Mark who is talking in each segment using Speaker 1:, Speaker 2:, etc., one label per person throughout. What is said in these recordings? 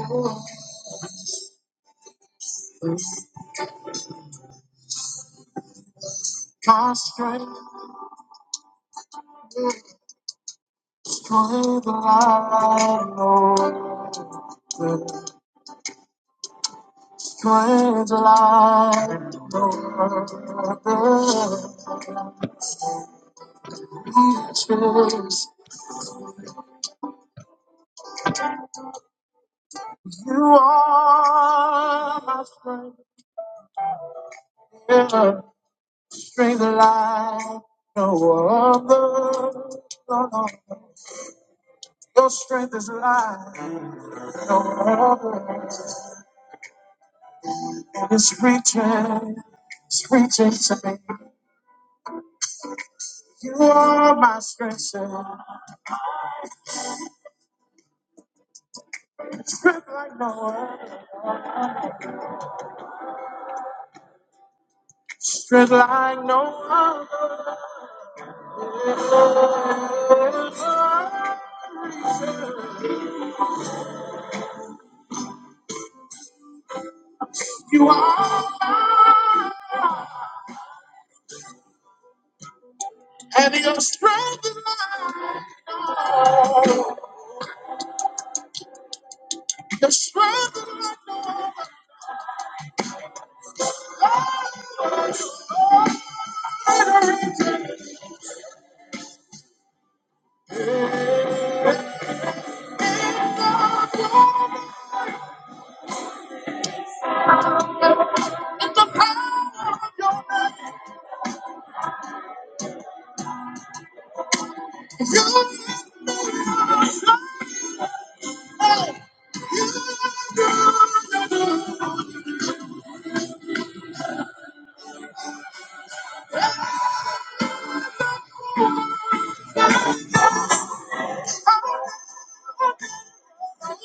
Speaker 1: It's my strength, strength will I know. Strength will I know. Jesus, you are my strength. Yeah. Strength will I know. Other. No, no. Your strength is life, no other. And it's reaching, it's reaching to me. You are my strength, sir. Strength like no other. Strength like no other. You are, and your strength, your strength, you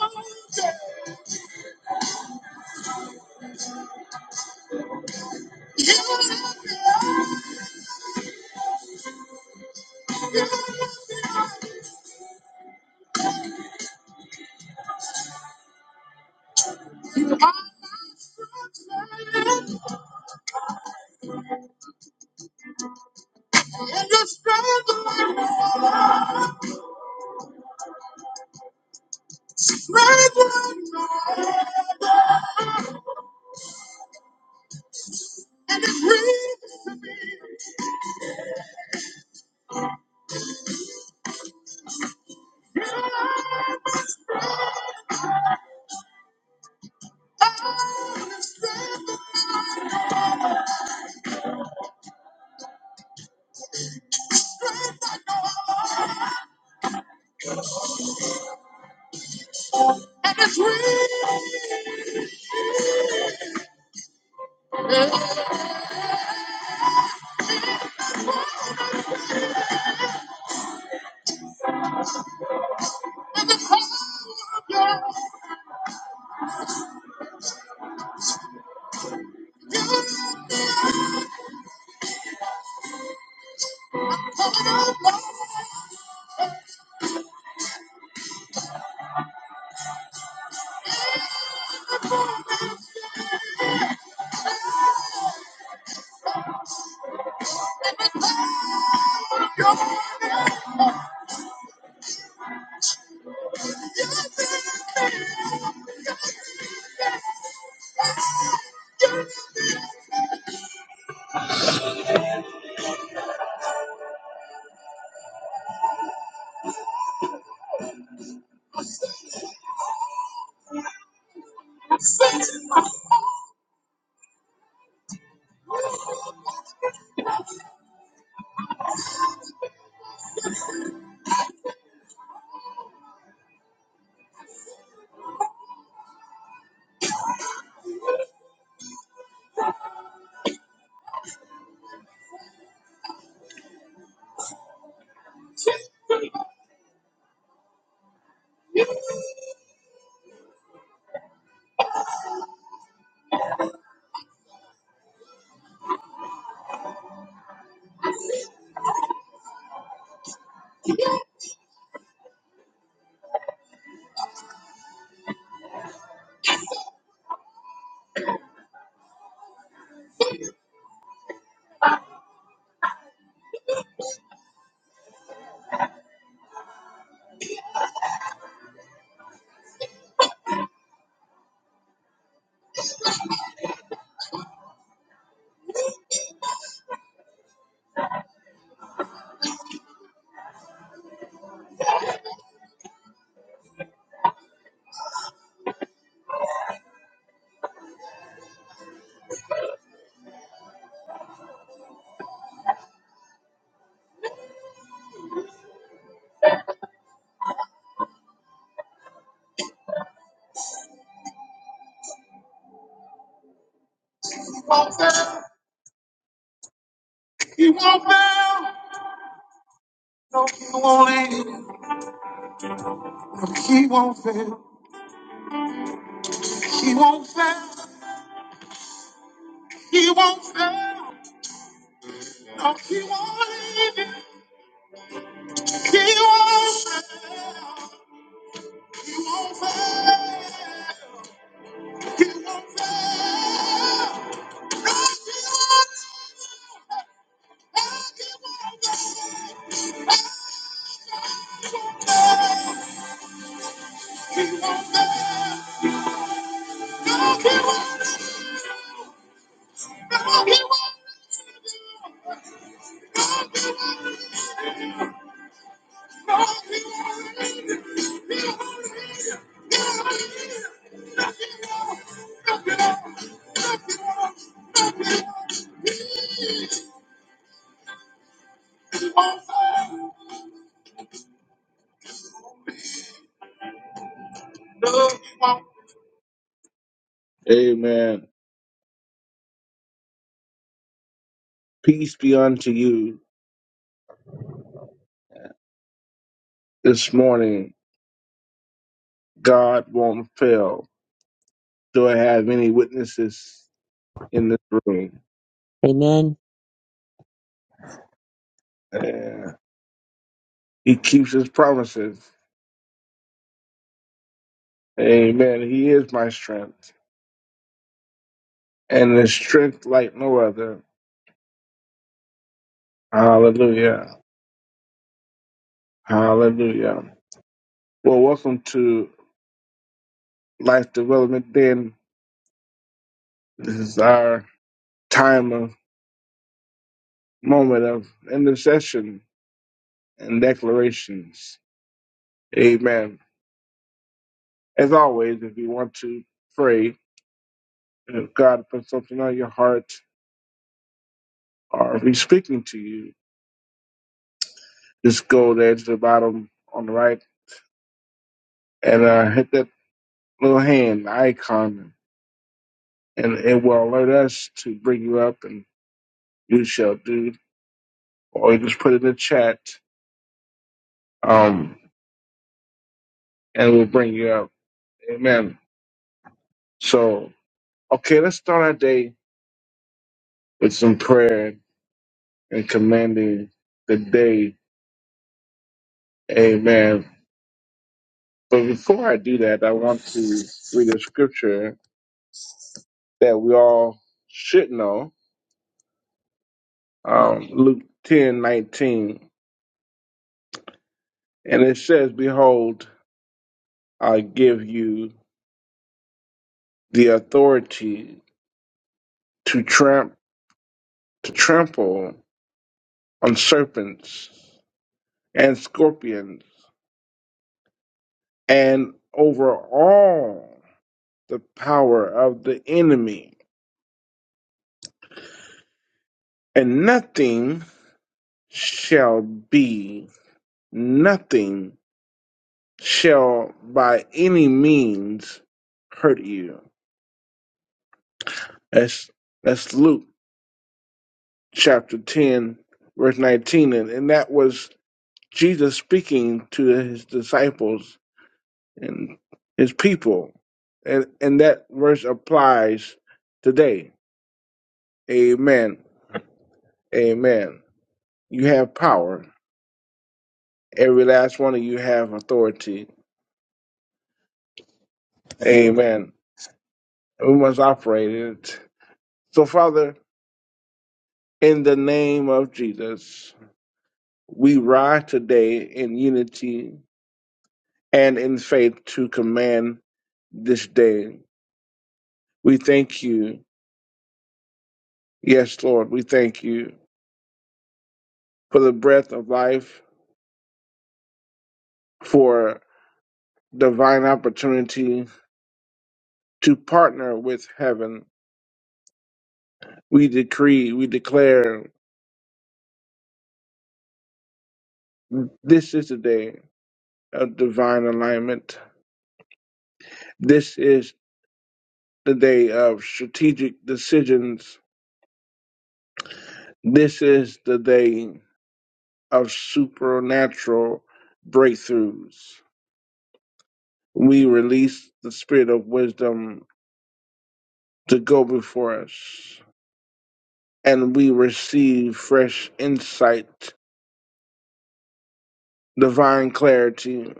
Speaker 1: won't fail. He won't fail. No, he won't leave. No, he won't fail. He won't fail. He won't fail. No, he won't leave. you. He won't fail. He won't fail. Amen. Peace be unto you this morning. God won't fail. Do I have any witnesses in this room?
Speaker 2: Amen.
Speaker 1: Yeah. He keeps his promises. Amen. He is my strength. And the strength like no other. Hallelujah. Hallelujah. Well, welcome to Life Development Den. This is our time of moment of intercession and declarations. Amen. As always, if you want to pray, If God puts something on your heart or if He's speaking to you, just go there to the bottom on the right and uh, hit that little hand icon, and it will alert us to bring you up, and you shall do. Or you just put it in the chat, um, and we'll bring you up. Amen. So, okay, let's start our day with some prayer and commanding the day. Amen. But before I do that, I want to read a scripture that we all should know. Um, Luke ten nineteen, And it says, Behold, I give you the authority to tramp to trample on serpents and scorpions and over all the power of the enemy, and nothing shall be nothing shall by any means hurt you. That's that's Luke chapter 10, verse 19. And, and that was Jesus speaking to his disciples and his people. And, and that verse applies today. Amen. Amen. You have power. Every last one of you have authority. Amen. We must operate in it. So, Father, in the name of Jesus, we rise today in unity and in faith to command this day We thank you. Yes, Lord, we thank you for the breath of life, for divine opportunity to partner with heaven. We decree, we declare, this is the day of divine alignment. This is the day of strategic decisions. This is the day of supernatural breakthroughs. We release the spirit of wisdom to go before us. and we receive fresh insight, divine clarity,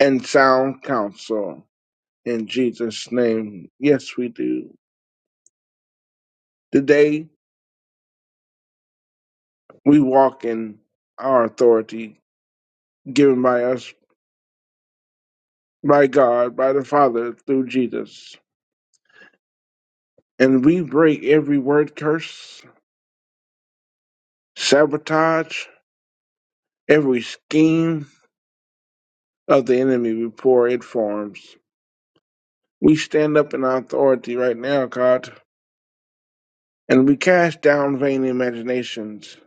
Speaker 1: and sound counsel. In Jesus' name, yes, we do. Today, we walk in our authority given by us, by God, by the Father through Jesus. And we break every word curse, sabotage, every scheme of the enemy before it forms. We stand up in our authority right now, God And we cast down vain imaginations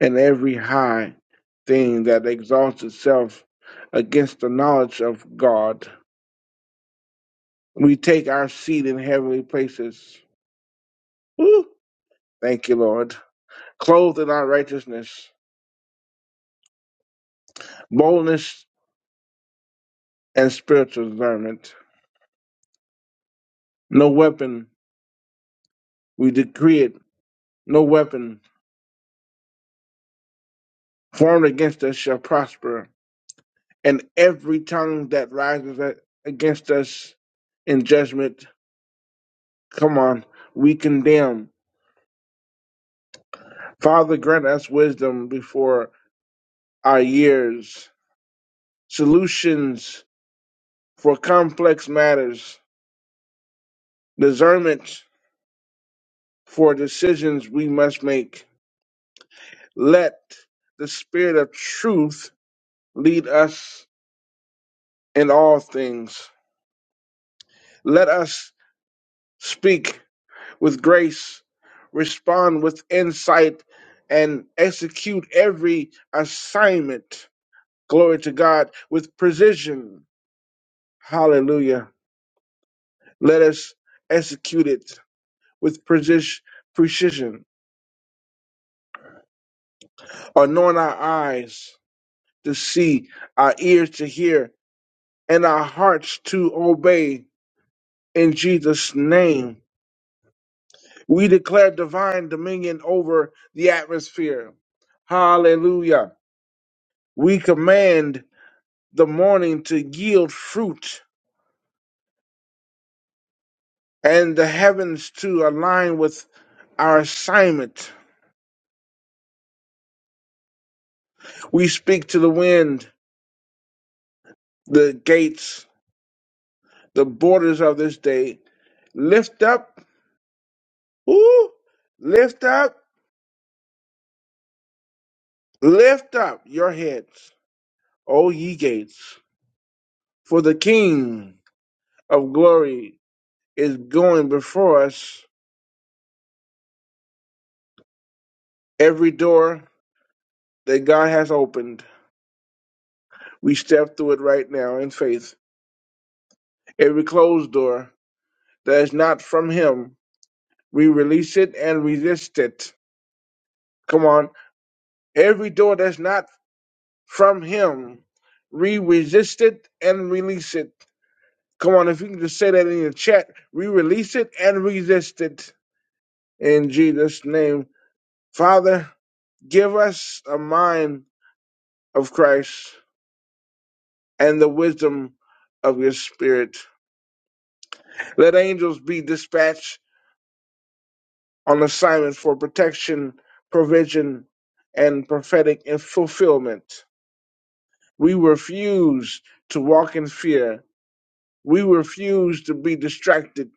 Speaker 1: and every high thing that exalts itself against the knowledge of God. We take our seat in heavenly places. Woo! Thank you, Lord. Clothed in our righteousness, boldness, and spiritual discernment. No weapon, we decree it, no weapon formed against us shall prosper. And every tongue that rises a- against us in judgment, come on, we condemn Father, grant us wisdom before our years, solutions for complex matters, discernment for decisions we must make. Let the Spirit of truth lead us in all things. Let us speak with grace, respond with insight, and execute every assignment. Glory to God with precision. Hallelujah. Let us execute it with precis- precision, anoint our eyes to see, our ears to hear, and our hearts to obey. In Jesus' name, we declare divine dominion over the atmosphere. Hallelujah. We command the morning to yield fruit and the heavens to align with our assignment. We speak to the wind, the gates, the borders of this day Lift up, ooh, lift up, lift up your heads, O ye gates, for the King of glory is going before us. Every door that God has opened, we step through it right now in faith. Every closed door that is not from Him, we release it and resist it. Come on. Every door that's not from Him, we resist it and release it. Come on, if you can just say that in your chat, we release it and resist it in Jesus' name. Father, give us a mind of Christ and the wisdom of your spirit. Let angels be dispatched on assignment for protection, provision, and prophetic and fulfillment. We refuse to walk in fear. We refuse to be distracted.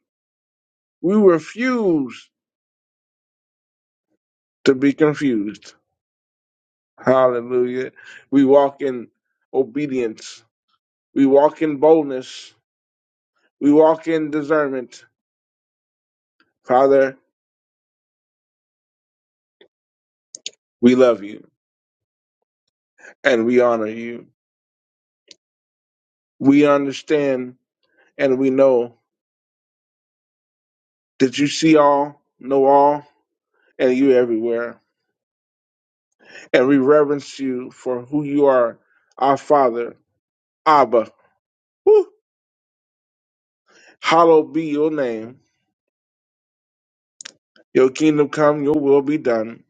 Speaker 1: We refuse to be confused. Hallelujah. We walk in obedience. We walk in boldness. We walk in discernment. Father, we love you and we honor you. We understand and we know that you see all, know all, and you everywhere. And we reverence you for who you are, our Father, Abba. Woo! Hallowed be your name. Your kingdom come, your will be done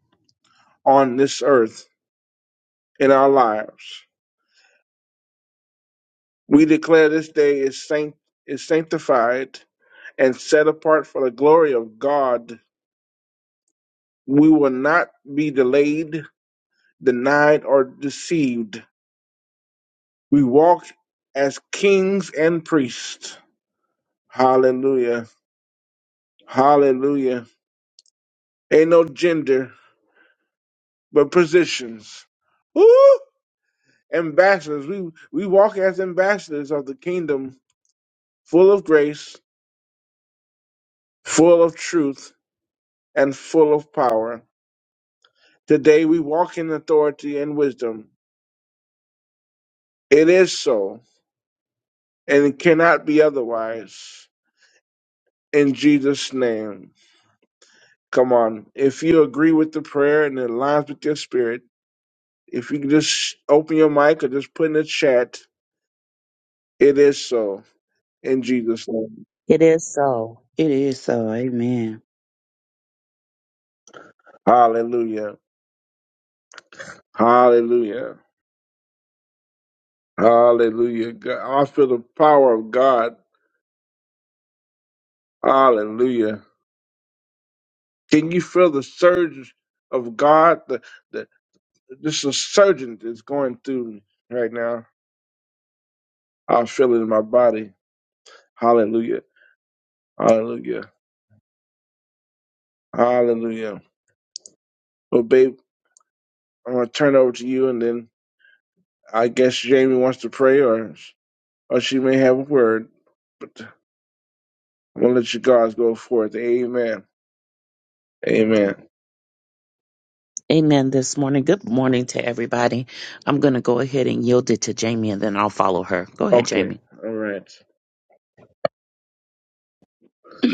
Speaker 1: on this earth in our lives We declare this day is sanct is sanctified and set apart for the glory of God. We will not be delayed, denied, or deceived. We walk as kings and priests. Hallelujah. Hallelujah. Ain't no gender, but positions. Woo! Ambassadors. We we walk as ambassadors of the kingdom, full of grace, full of truth, and full of power. Today we walk in authority and wisdom. It is so, and it cannot be otherwise. In Jesus' name. Come on. If you agree with the prayer and it aligns with your spirit, if you can just open your mic or just put in the chat, it is so. In Jesus' name.
Speaker 2: It is so.
Speaker 3: It is so. Amen.
Speaker 1: Hallelujah. Hallelujah. Hallelujah. God, I feel the power of God. Hallelujah. Can you feel the surge of God? The the. this insurgent is going through me right now. I feel it in my body. Hallelujah. Hallelujah. Hallelujah. Well, babe, I'm going to turn it over to you, and then I guess Jamie wants to pray, or, or she may have a word, but I'm going to let you guys go forth. Amen. Amen.
Speaker 2: Amen. This morning. Good morning to everybody. I'm going to go ahead and yield it to Jamie and then I'll follow her. Go ahead,
Speaker 1: Okay.
Speaker 2: Jamie.
Speaker 1: All right.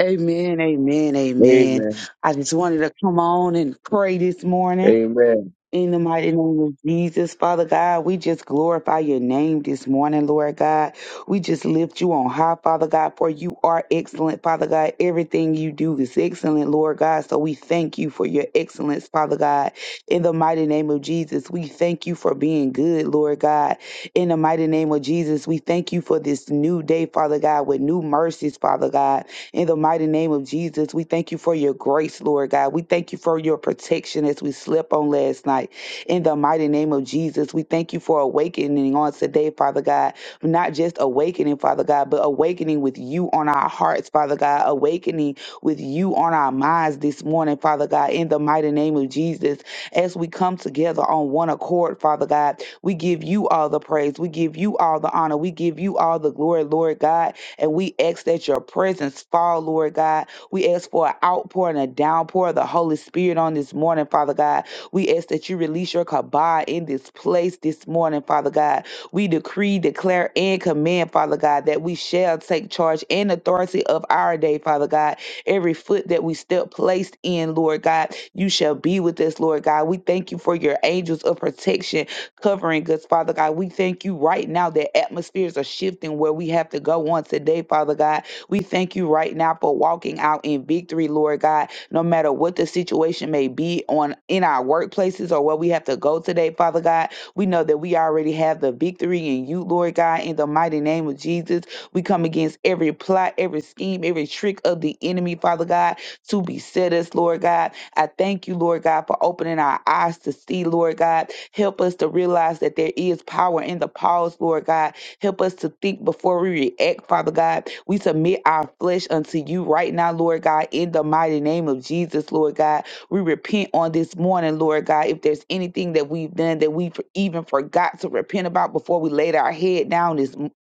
Speaker 3: Amen. Amen. Amen.
Speaker 1: Amen.
Speaker 3: I just wanted to come on and pray this morning.
Speaker 1: Amen.
Speaker 3: In the mighty name of Jesus, Father God, we just glorify your name this morning, Lord God. We just lift you on high, Father God, for you are excellent, Father God. Everything you do is excellent, Lord God. So we thank you for your excellence, Father God. In the mighty name of Jesus, we thank you for being good, Lord God. In the mighty name of Jesus, we thank you for this new day, Father God, with new mercies, Father God. In the mighty name of Jesus, we thank you for your grace, Lord God. We thank you for your protection as we slept on last night. In the mighty name of Jesus, we thank you for awakening on today, Father God. Not just awakening, Father God, but awakening with you on our hearts, Father God. Awakening with you on our minds this morning, Father God. In the mighty name of Jesus, as we come together on one accord, Father God, we give you all the praise. We give you all the honor. We give you all the glory, Lord God and we ask that your presence fall, Lord God. We ask for an outpour and a downpour of the Holy Spirit on this morning, Father God. We ask that you release your kabah in this place this morning, Father God. We decree, declare, and command, Father God, that we shall take charge and authority of our day, Father God. Every foot that we step placed in, Lord God, you shall be with us, Lord God. We thank you for your angels of protection covering us, Father God. We thank you right now that atmospheres are shifting where we have to go on today, Father God. We thank you right now for walking out in victory, Lord God, no matter what the situation may be on in our workplaces or where we have to go today, Father God. We know that we already have the victory in you, Lord God, in the mighty name of Jesus. We come against every plot, every scheme, every trick of the enemy, Father God, to beset us, Lord God. I thank you, Lord God, for opening our eyes to see, Lord God. Help us to realize that there is power in the pause, Lord God. Help us to think before we react, Father God. We submit our flesh unto you right now, Lord God, in the mighty name of Jesus, Lord God. We repent on this morning, Lord God. If there's anything that we've done that we even forgot to repent about before we laid our head down this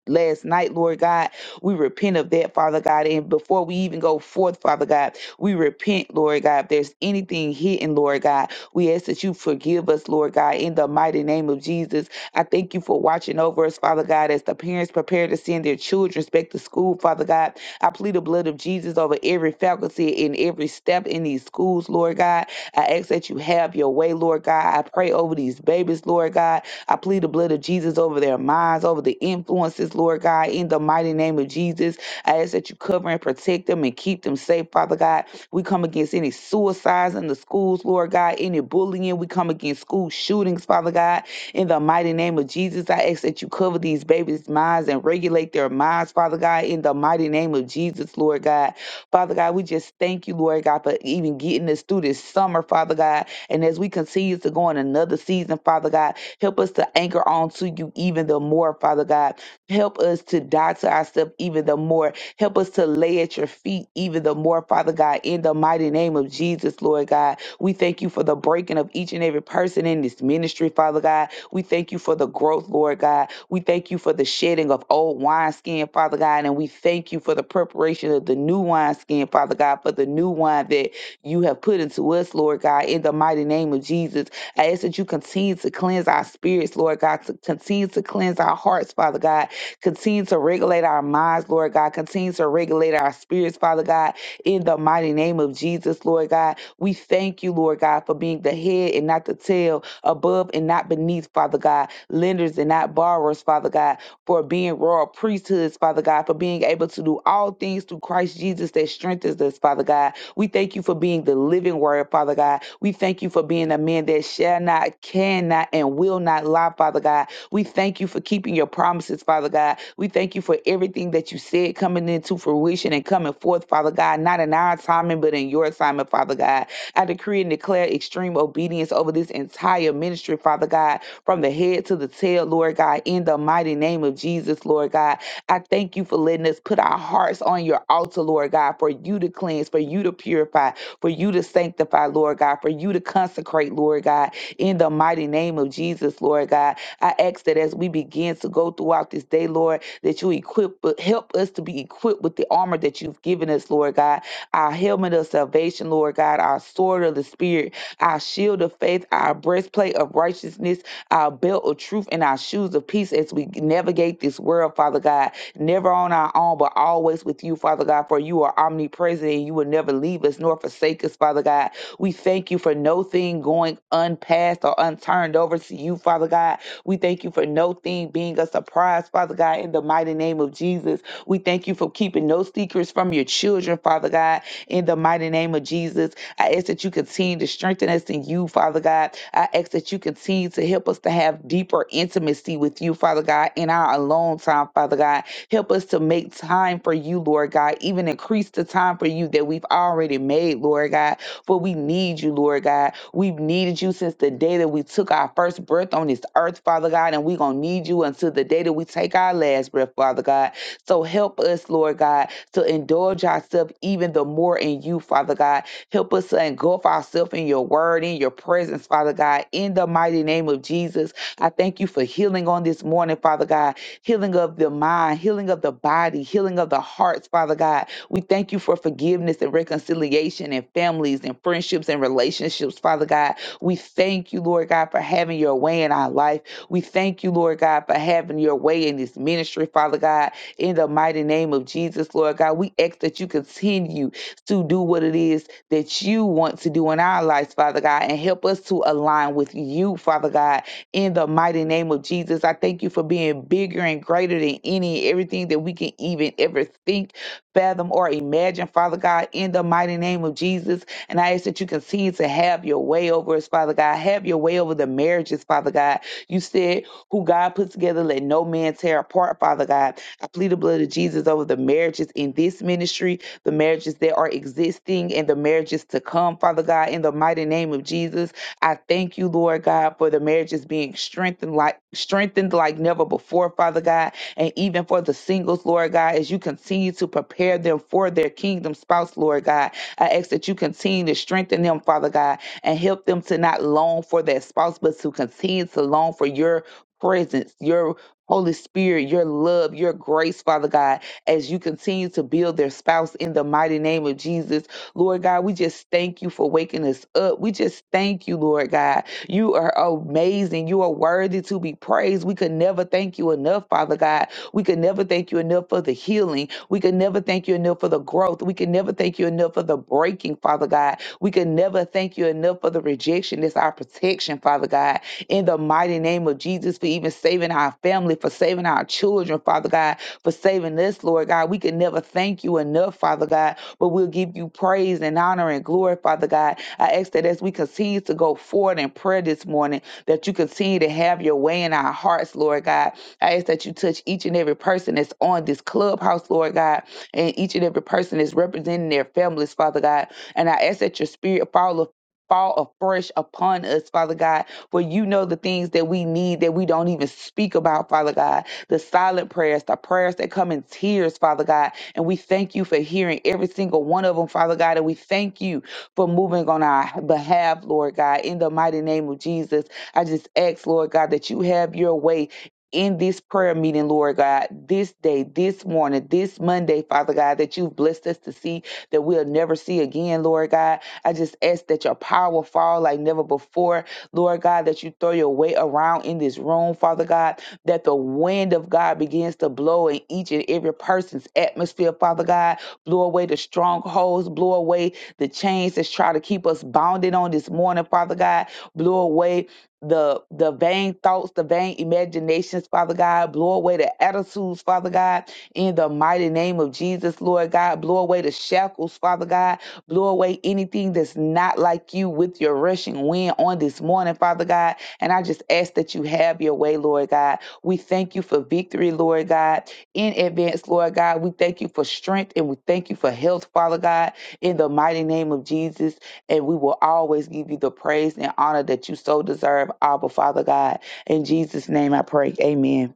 Speaker 3: last night, Lord God. We repent of that, Father God. And before we even go forth, Father God, we repent, Lord God. If there's anything hidden, Lord God, we ask that you forgive us, Lord God, in the mighty name of Jesus. I thank you for watching over us, Father God, as the parents prepare to send their children back to school, Father God. I plead the blood of Jesus over every faculty and every step in these schools, Lord God. I ask that you have your way, Lord God. I pray over these babies, Lord God. I plead the blood of Jesus over their minds, over the influences, Lord God, in the mighty name of Jesus. I ask that you cover and protect them and keep them safe, Father God. We come against any suicides in the schools, Lord God, any bullying. We come against school shootings, Father God. In the mighty name of Jesus, I ask that you cover these babies' minds and regulate their minds, Father God, in the mighty name of Jesus, Lord God. Father God, we just thank you, Lord God, for even getting us through this summer, Father God. And as we continue to go in another season, Father God, Help us to anchor on to you even the more, Father God. Help us to die to ourselves even the more. Help us to lay at your feet even the more, Father God, in the mighty name of Jesus, Lord God. We thank you for the breaking of each and every person in this ministry, Father God. We thank you for the growth, Lord God. We thank you for the shedding of old wineskin, Father God. And we thank you for the preparation of the new wineskin, Father God, for the new wine that you have put into us, Lord God, in the mighty name of Jesus. I ask that you continue to cleanse our spirits, Lord God, to continue to cleanse our hearts, Father God, continue to regulate our minds, Lord God, continue to regulate our spirits, Father God, in the mighty name of Jesus, Lord God. We thank you, Lord God, for being the head and not the tail, above and not beneath, Father God, lenders and not borrowers, Father God, for being royal priesthoods, Father God, for being able to do all things through Christ Jesus that strengthens us, Father God. We thank you for being the living word, Father God. We thank you for being a man that shall not, cannot, and will not lie, Father God. We thank you for keeping your promises, Father God. We thank you for everything that you said coming into fruition and coming forth, Father God, not in our timing, but in your assignment, Father God. I decree and declare extreme obedience over this entire ministry, Father God, from the head to the tail, Lord God, in the mighty name of Jesus, Lord God. I thank you for letting us put our hearts on your altar, Lord God, for you to cleanse, for you to purify, for you to sanctify, Lord God, for you to consecrate, Lord God, in the mighty name of Jesus, Lord God. I ask that as we begin to go throughout this day, Lord, that you equip, help us to be equipped with the armor that you've given us, Lord God, our helmet of salvation, Lord God, our sword of the Spirit, our shield of faith, our breastplate of righteousness, our belt of truth, and our shoes of peace as we navigate this world, Father God never on our own, but always with you, Father God, for you are omnipresent and you will never leave us nor forsake us, Father God. We thank you for no thing going unpassed or unturned over to you, Father God. We thank you for no thing being a surprise, Father God, in the mighty name of Jesus. We thank you for keeping no secrets from your children, Father God, in the mighty name of Jesus. I ask that you continue to strengthen us in you, Father God. I ask that you continue to help us to have deeper intimacy with you, Father God, in our alone time, Father God Help us to make time for you, Lord God. Even increase the time for you that we've already made, Lord God. For we need you, Lord God. We've needed you since the day that we took our first breath on this earth, Father God. And we're going to need you until the day that we take our last breath, Father God. So help us, Lord God, to indulge ourselves even the more in you, Father God. Help us to engulf ourselves in your word, in your presence, Father God. In the mighty name of Jesus, I thank you for healing on this morning, Father God healing of the mind, healing of the body, healing of the hearts, Father God. We thank you for forgiveness and reconciliation and families and friendships and relationships, Father God. We thank you, Lord God, for having your way in our life. We thank you, Lord God, for having your way in this ministry, Father God. In the mighty name of Jesus, Lord God, we ask that you continue to do what it is that you want to do in our lives, Father God, and help us to align with you, Father God, in the mighty name of Jesus. I thank you for being bigger and greater than any everything that we can even ever think, fathom, or imagine, Father God, in the mighty name of Jesus. And I ask that you continue to have your way over us, Father God. Have your way over the marriages, Father God. You said, who God put together, let no man tear apart, Father God. I plead the blood of Jesus over the marriages in this ministry, the marriages that are existing, and the marriages to come, Father God, in the mighty name of Jesus. I thank you, Lord God, for the marriages being strengthened like strengthened like never before, Father God, and even for the singles, Lord God, as you continue to prepare them for their kingdom spouse, Lord God. I ask that you continue to strengthen them, Father God, and help them to not long for that spouse, but to continue to long for your presence, your Holy Spirit, your love, your grace, Father God, as you continue to build their spouse in the mighty name of Jesus Lord God, we just thank you for waking us up. We just thank you, Lord God. You are amazing. You are worthy to be praised. We could never thank you enough, Father God. We could never thank you enough for the healing. We could never thank you enough for the growth. We could never thank you enough for the breaking, Father God. We could never thank you enough for the rejection. It's our protection, Father God. In the mighty name of Jesus, for even saving our family, for saving our children, Father God, for saving us, Lord God. We could never thank you enough, Father God but we'll give you praise and honor and glory, Father God. I ask that as we continue to go forward in prayer this morning, that you continue to have your way in our hearts, Lord God. I ask that you touch each and every person that's on this clubhouse, Lord God, and each and every person that's representing their families, Father God. And I ask that your spirit fall Fall afresh upon us, Father God, for you know the things that we need that we don't even speak about, Father God the silent prayers, the prayers that come in tears, Father God. And we thank you for hearing every single one of them, Father God. And we thank you for moving on our behalf, Lord God, in the mighty name of Jesus. I just ask, Lord God, that you have your way. In this prayer meeting, Lord God, this day, this morning, this Monday, Father God, that you've blessed us to see that we'll never see again, Lord God. I just ask that your power fall like never before, Lord God, that you throw your weight around in this room, Father God that the wind of God begins to blow in each and every person's atmosphere, Father God. Blow away the strongholds, blow away the chains that's trying to keep us bounded on this morning, Father God. Blow away the the vain thoughts, the vain imaginations, Father God. Blow away the attitudes, Father God, in the mighty name of Jesus, Lord God. Blow away the shackles, Father God. Blow away anything that's not like you with your rushing wind on this morning, Father God. And I just ask that you have your way, Lord God. We thank you for victory, Lord God, in advance, Lord God. We thank you for strength and we thank you for health, Father God, in the mighty name of Jesus. And we will always give you the praise and honor that you so deserve, Abba, Father God. In Jesus' name I pray. Amen.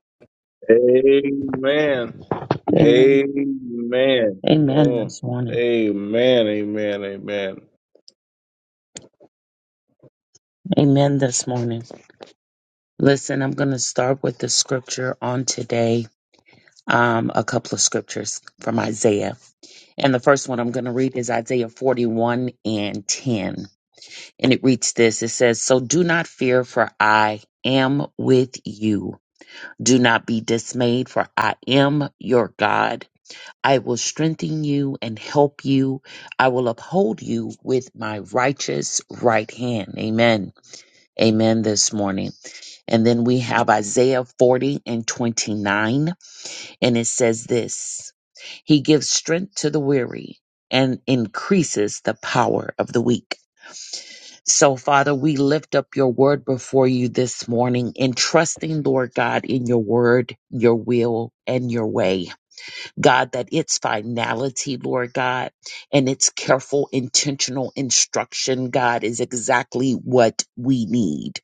Speaker 1: Amen.
Speaker 2: Amen.
Speaker 1: Amen.
Speaker 2: Amen
Speaker 1: Oh,
Speaker 2: this morning.
Speaker 1: amen. Amen. Amen.
Speaker 2: Amen this morning. Listen, I'm going to start with the scripture on today. Um, a couple of scriptures from Isaiah. And the first one I'm going to read is Isaiah 41 and 10. And it reads this It says, So do not fear, for I am with you. Do not be dismayed, for I am your God. I will strengthen you and help you. I will uphold you with my righteous right hand. Amen. Amen this morning. And then we have Isaiah 40 and 29, and it says this He gives strength to the weary and increases the power of the weak. So, Father, we lift up your word before you this morning, entrusting, Lord God, in your word, your will, and your way. God, that its finality, Lord God, and its careful, intentional instruction, God, is exactly what we need.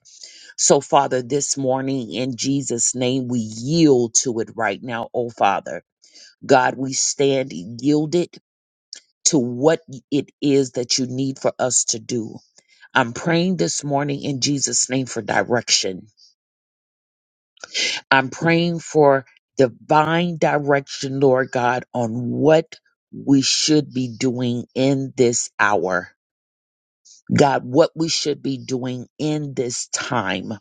Speaker 2: So, Father, this morning, in Jesus' name, we yield to it right now, oh Father. God, we stand yielded to what it is that you need for us to do. I'm praying this morning in Jesus' name for direction. I'm praying for divine direction, Lord God, on what we should be doing in this hour. God, what we should be doing in this time,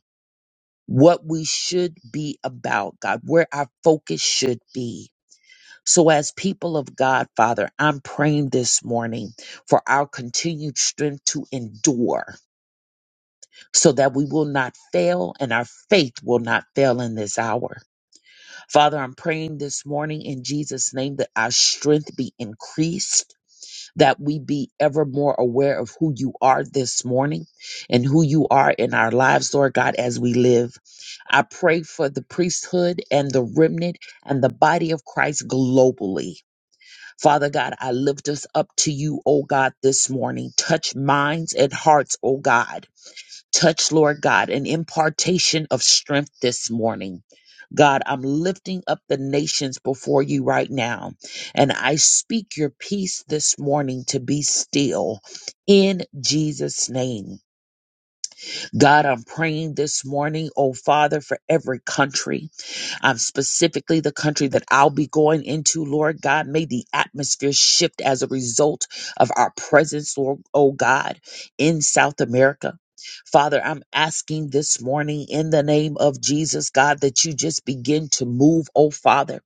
Speaker 2: what we should be about, God, where our focus should be. So, as people of God, Father, I'm praying this morning for our continued strength to endure so that we will not fail and our faith will not fail in this hour. Father, I'm praying this morning in Jesus' name that our strength be increased, that we be ever more aware of who you are this morning and who you are in our lives, Lord God, as we live. I pray for the priesthood and the remnant and the body of Christ globally. Father God, I lift us up to you, O God, this morning. Touch minds and hearts, O God. Touch, Lord God, an impartation of strength this morning. God, I'm lifting up the nations before you right now, and I speak your peace this morning to be still in Jesus' name. God, I'm praying this morning, oh Father, for every country, um, specifically the country that I'll be going into, Lord God. May the atmosphere shift as a result of our presence, Lord, oh God, in South America. Father, I'm asking this morning in the name of Jesus, God, that you just begin to move, oh Father.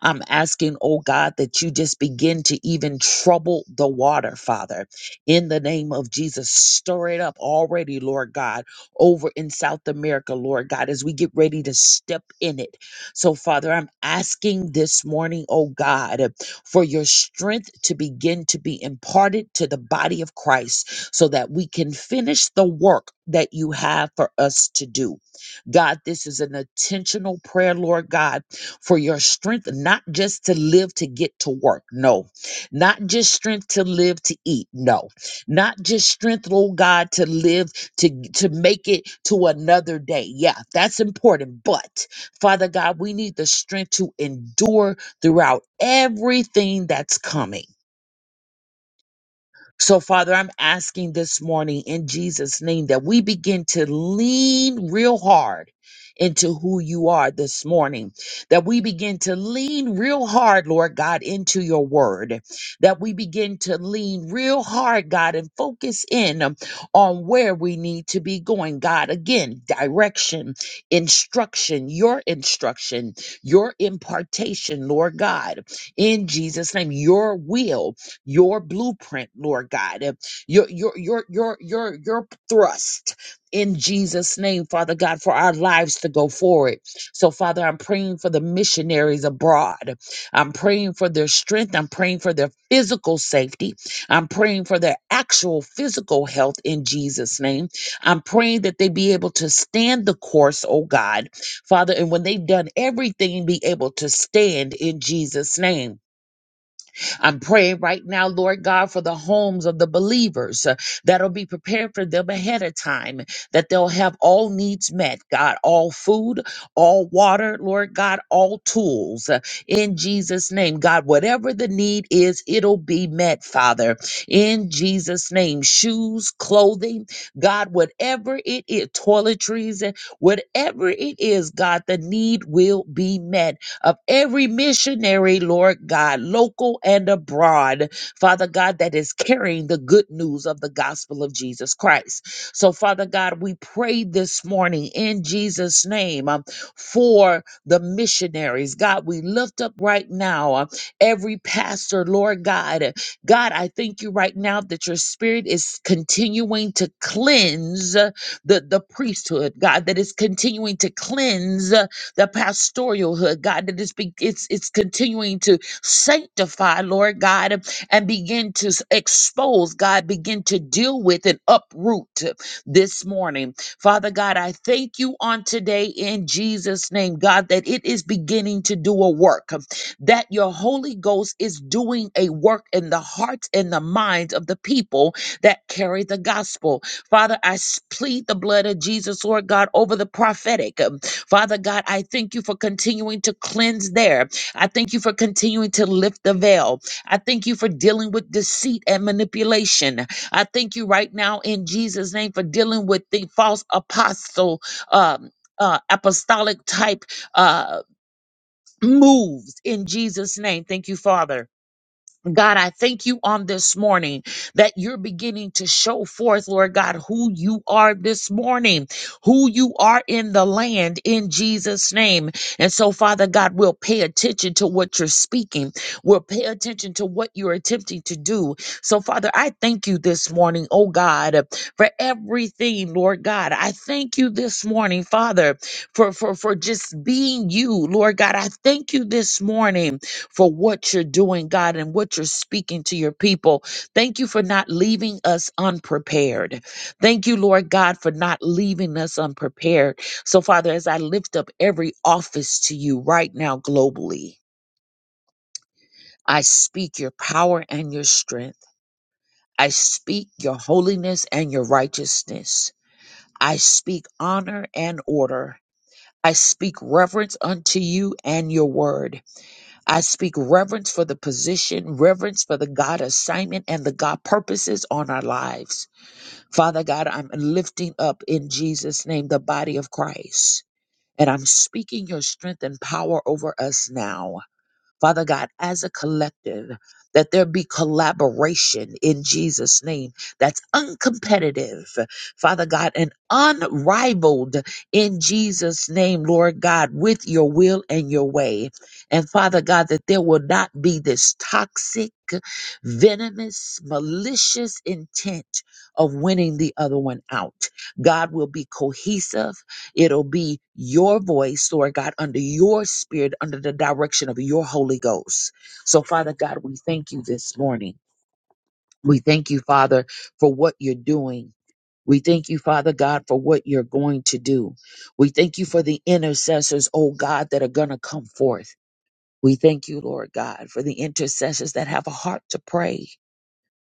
Speaker 2: I'm asking, oh God, that you just begin to even trouble the water, Father. In the name of Jesus, stir it up already, Lord God, over in South America, Lord God, as we get ready to step in it. So, Father, I'm asking this morning, oh God, for your strength to begin to be imparted to the body of Christ so that we can finish the work that you have for us to do. God, this is an intentional prayer, Lord God for your strength, not just to live to get to work. No, not just strength to live to eat. No, not just strength, oh God, to live to, to make it to another day. Yeah, that's important. But Father God, we need the strength to endure throughout everything that's coming. So, Father, I'm asking this morning in Jesus' name that we begin to lean real hard into who you are this morning, that we begin to lean real hard, Lord God, into your word, that we begin to lean real hard, God, and focus in um, on where we need to be going, God. Again, direction, instruction, your instruction, your impartation, Lord God, in Jesus' name, your will your blueprint, Lord God, uh, your your your your your your thrust in Jesus' name, Father God, for our lives to go forward. So, Father, I'm praying for the missionaries abroad. I'm praying for their strength. I'm praying for their physical safety. I'm praying for their actual physical health in Jesus' name. I'm praying that they be able to stand the course, oh God, Father, and when they've done everything, be able to stand in Jesus' name. I'm praying right now, Lord God, for the homes of the believers uh, that'll be prepared for them ahead of time, that they'll have all needs met, God, all food, all water, Lord God, all tools uh, in Jesus' name. God, whatever the need is, it'll be met, Father, in Jesus' name. Shoes, clothing, God, whatever it is, toiletries, uh, whatever it is, God, the need will be met of every missionary, Lord God, local and abroad, Father God, that is carrying the good news of the gospel of Jesus Christ. So, Father God, we pray this morning in Jesus' name um, for the missionaries. God, we lift up right now uh, every pastor, Lord God. God, I thank you right now that your spirit is continuing to cleanse uh, the, the priesthood, God, that is continuing to cleanse the pastoralhood, God, that it's, be, it's, it's continuing to sanctify, Lord God, and begin to s- expose, God, begin to deal with and uproot this morning. Father God, I thank you on today in Jesus' name, God, that it is beginning to do a work, that your Holy Ghost is doing a work in the hearts and the minds of the people that carry the gospel. Father, I s- plead the blood of Jesus, Lord God, over the prophetic. Father God, I thank you for continuing to cleanse there. I thank you for continuing to lift the veil. I thank you for dealing with deceit and manipulation. I thank you right now in Jesus' name for dealing with the false apostle. Um, uh, apostolic type uh, moves in Jesus' name. Thank you, Father. God, I thank you on this morning that you're beginning to show forth, Lord God, who you are this morning, who you are in the land in Jesus' name. And so, Father God, we'll pay attention to what you're speaking. We'll pay attention to what you're attempting to do. So, Father, I thank you this morning, oh God, for everything, Lord God. I thank you this morning, Father, for, for, for just being you, Lord God. I thank you this morning for what you're doing, God, and what you're speaking to your people. Thank you for not leaving us unprepared. Thank you, Lord God, for not leaving us unprepared. So, Father, as I lift up every office to you right now globally, I speak your power and your strength. I speak your holiness and your righteousness. I speak honor and order. I speak reverence unto you and your word. I speak reverence for the position, reverence for the God assignment and the God purposes on our lives. Father God, I'm lifting up in Jesus' name the body of Christ. And I'm speaking your strength and power over us now. Father God, as a collective, that there be collaboration in Jesus' name that's uncompetitive, Father God, and unrivaled in Jesus' name, Lord God, with your will and your way. And Father God, that there will not be this toxic, venomous, malicious intent of winning the other one out. God will be cohesive. It'll be your voice, Lord God, under your spirit, under the direction of your Holy Ghost. So, Father God, we thank you this morning. We thank you, Father, for what you're doing. We thank you, Father God, for what you're going to do. We thank you for the intercessors, oh God, that are going to come forth. We thank you, Lord God, for the intercessors that have a heart to pray.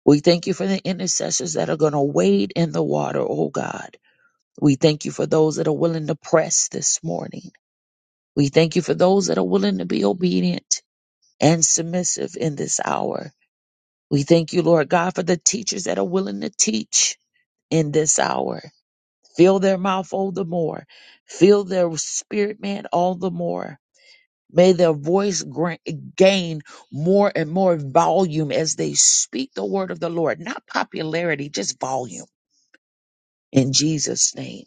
Speaker 2: We thank you for the intercessors that are going to wade in the water, oh God. We thank you for those that are willing to press this morning. We thank you for those that are willing to be obedient and submissive in this hour. We thank you, Lord God, for the teachers that are willing to teach in this hour. Fill their mouth all the more. Fill their spirit, man, all the more. May their voice gra- gain more and more volume as they speak the word of the Lord. Not popularity, just volume. In Jesus' name.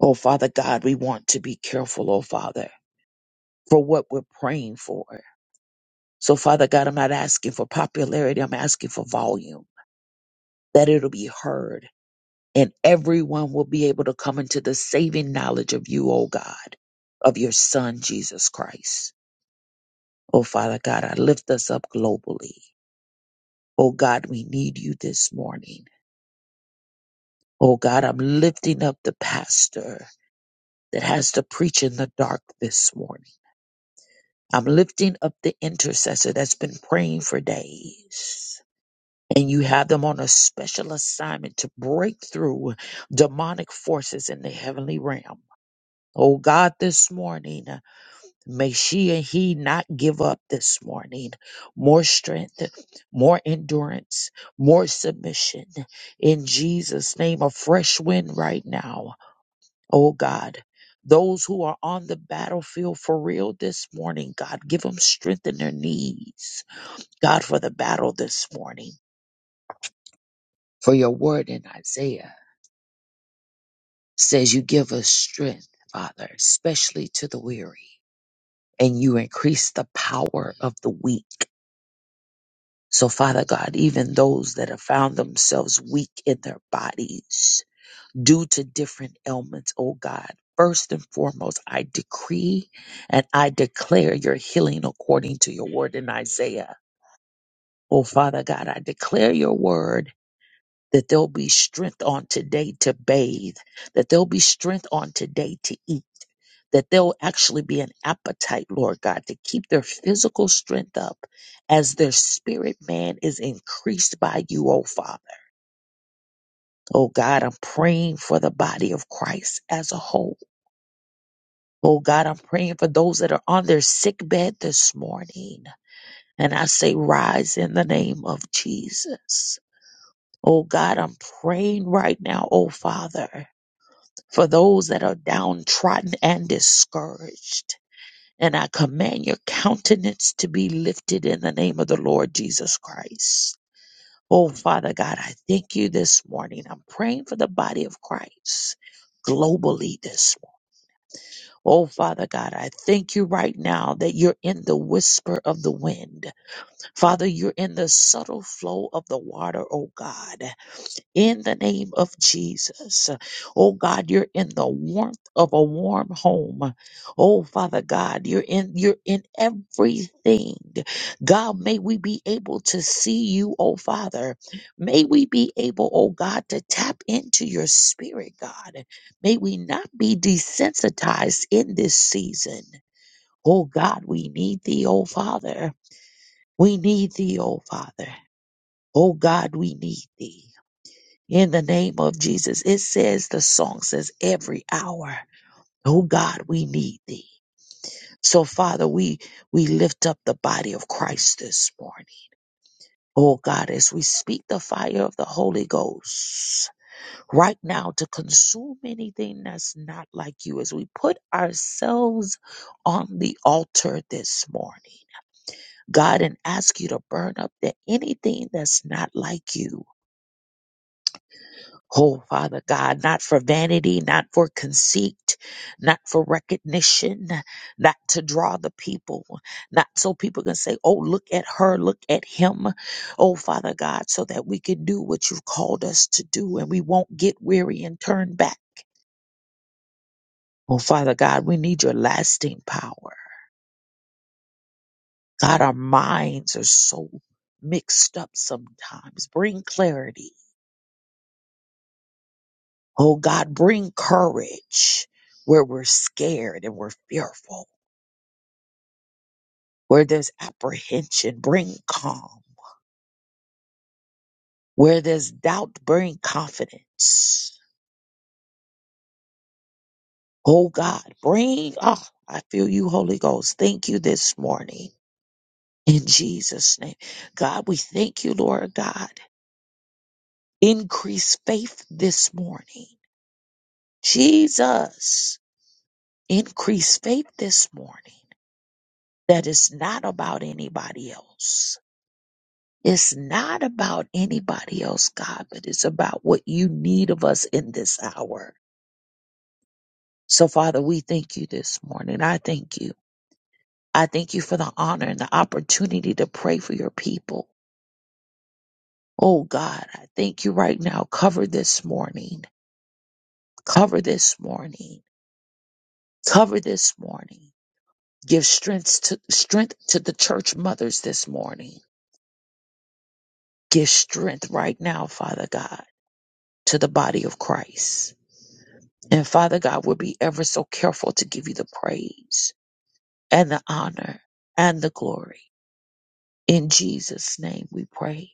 Speaker 2: Oh, Father God, we want to be careful, oh, Father, for what we're praying for So, Father God, I'm not asking for popularity. I'm asking for volume, that it'll be heard and everyone will be able to come into the saving knowledge of you, oh God, of your son, Jesus Christ. Oh, Father God, I lift us up globally. Oh, God, we need you this morning. Oh, God, I'm lifting up the pastor that has to preach in the dark this morning. I'm lifting up the intercessor that's been praying for days. and you have them on a special assignment to break through demonic forces in the heavenly realm. Oh God, this morning, may she and he not give up this morning. More strength, more endurance, more submission. In Jesus' name, a fresh wind right now. Oh God, those who are on the battlefield for real this morning, God, give them strength in their knees. God, for the battle this morning, for your word in Isaiah. says you give us strength, Father, especially to the weary, and you increase the power of the weak. So, Father God, even those that have found themselves weak in their bodies due to different ailments, oh God, first and foremost, I decree and I declare your healing according to your word in Isaiah. Oh, Father God, I declare your word that there'll be strength on today to bathe, that there'll be strength on today to eat, that there'll actually be an appetite, Lord God, to keep their physical strength up as their spirit man is increased by you, oh Father. Oh God, I'm praying for the body of Christ as a whole. Oh God, I'm praying for those that are on their sick bed this morning. And I say, rise in the name of Jesus. Oh God, I'm praying right now, oh Father. for those that are downtrodden and discouraged. And I command your countenance to be lifted in the name of the Lord Jesus Christ. Oh, Father God, I thank you this morning. I'm praying for the body of Christ globally this morning. Oh, Father God, I thank you right now that you're in the whisper of the wind. Father, you're in the subtle flow of the water, oh God in the name of Jesus. Oh God, you're in the warmth of a warm home. Oh Father God, you're in you're in everything. God, may we be able to see you, oh Father. May we be able, oh God, to tap into your spirit, God. May we not be desensitized in this season. Oh God, we need thee, oh Father. We need thee, oh Father. Oh God, we need thee in the name of Jesus. It says, the song says, every hour, oh God, we need thee. So Father, we, we lift up the body of Christ this morning. Oh God, as we speak the fire of the Holy Ghost right now to consume anything that's not like you, as we put ourselves on the altar this morning. God, and ask you to burn up the, anything that's not like you Oh, Father God, not for vanity, not for conceit, not for recognition, not to draw the people, not so people can say, Oh, look at her, look at him. Oh, Father God, so that we can do what you've called us to do and we won't get weary and turn back. Oh, Father God, we need your lasting power. God, our minds are so mixed up sometimes. Bring clarity. Oh, God, bring courage where we're scared and we're fearful. Where there's apprehension, bring calm. Where there's doubt, bring confidence. Oh God, bring, oh, I feel you, Holy Ghost. Thank you this morning. In Jesus' name. God, we thank you, Lord God. Increase faith this morning. Jesus, increase faith this morning That is not about anybody else. It's not about anybody else, God, but it's about what you need of us in this hour. So, Father, we thank you this morning. I thank you. I thank you for the honor and the opportunity to pray for your people. Oh, God, I thank you right now. Cover this morning. Cover this morning. Cover this morning. Give strength to, strength to the church mothers this morning. Give strength right now, Father God, to the body of Christ. And Father God, we'll be ever so careful to give you the praise and the honor and the glory. In Jesus' name we pray.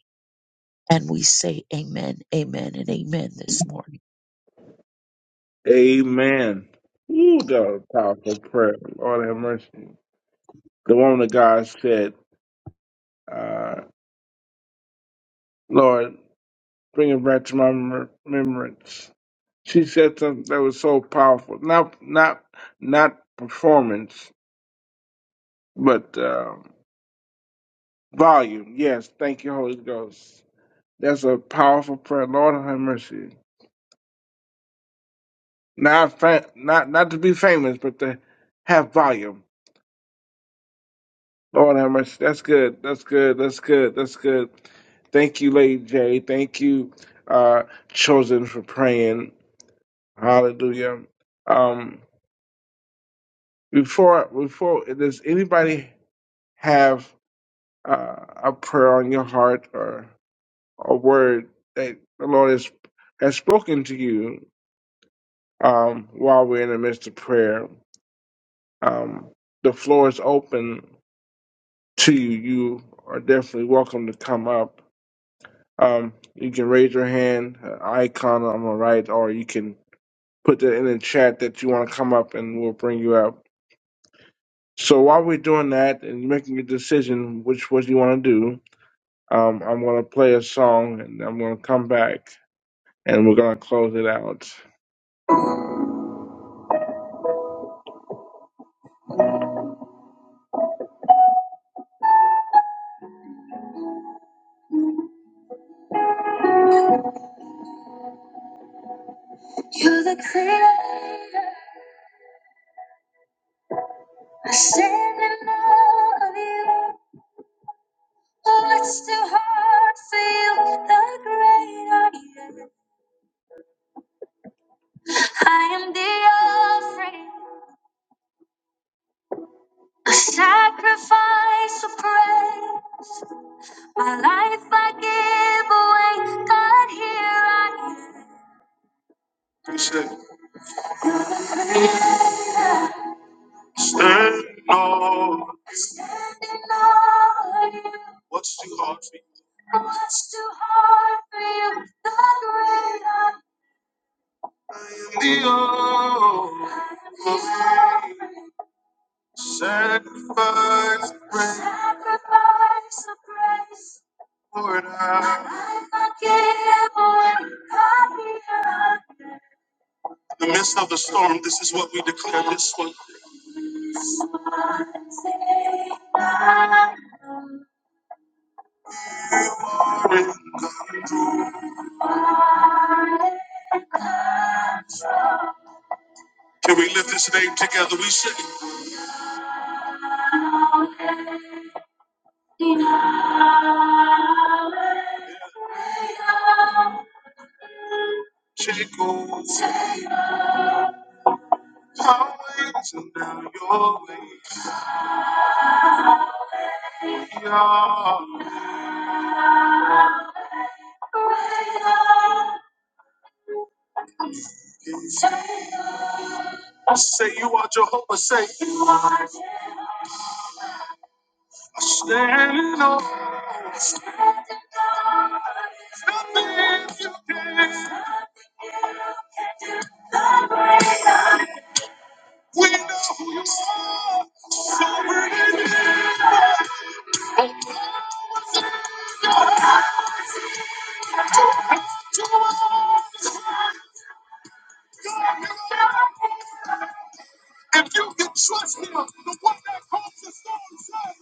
Speaker 2: And we say amen, amen, and amen this morning.
Speaker 1: Amen. Ooh, that was a powerful prayer. Lord have mercy. The woman of God said, uh, Lord, bring it back to my remem- remembrance. She said something that was so powerful. Not not not performance, but uh, volume. Yes, thank you, Holy Ghost. That's a powerful prayer. Lord have mercy. Not fa- not not to be famous, but to have volume. Lord have mercy. That's good. That's good. That's good. That's good. Thank you, Lady J. Thank you, uh, chosen for praying. Hallelujah. Um, before before does anybody have uh, a prayer on your heart or a word that the Lord has has spoken to you um, while we're in the midst of prayer? Um, the floor is open to you. You are definitely welcome to come up. Um, you can raise your hand uh, icon on the right, or you can put that in the chat that you want to come up, and we'll bring you up. So while we're doing that and making a decision which what you want to do, um, I'm gonna play a song, and I'm gonna come back, and we're gonna close it out. I said I love you, but it's too hard for you. The great I am, I am the offering. A sacrifice of praise, my life I give away. God, here I am. He said, Stand on. Standing on you. What's too hard for you? What's too hard for you? The great I am. The offering. Sacrifice of praise. Sacrifice of praise. In the midst of the storm, this is what we declare this one. Can we lift his name together? We say, Jacob's always and now your ways. are. Say, you are Jehovah. Say, you are standing on. If you can, We know who you are. So we're in it. If you can trust him, the one that calls the storm said,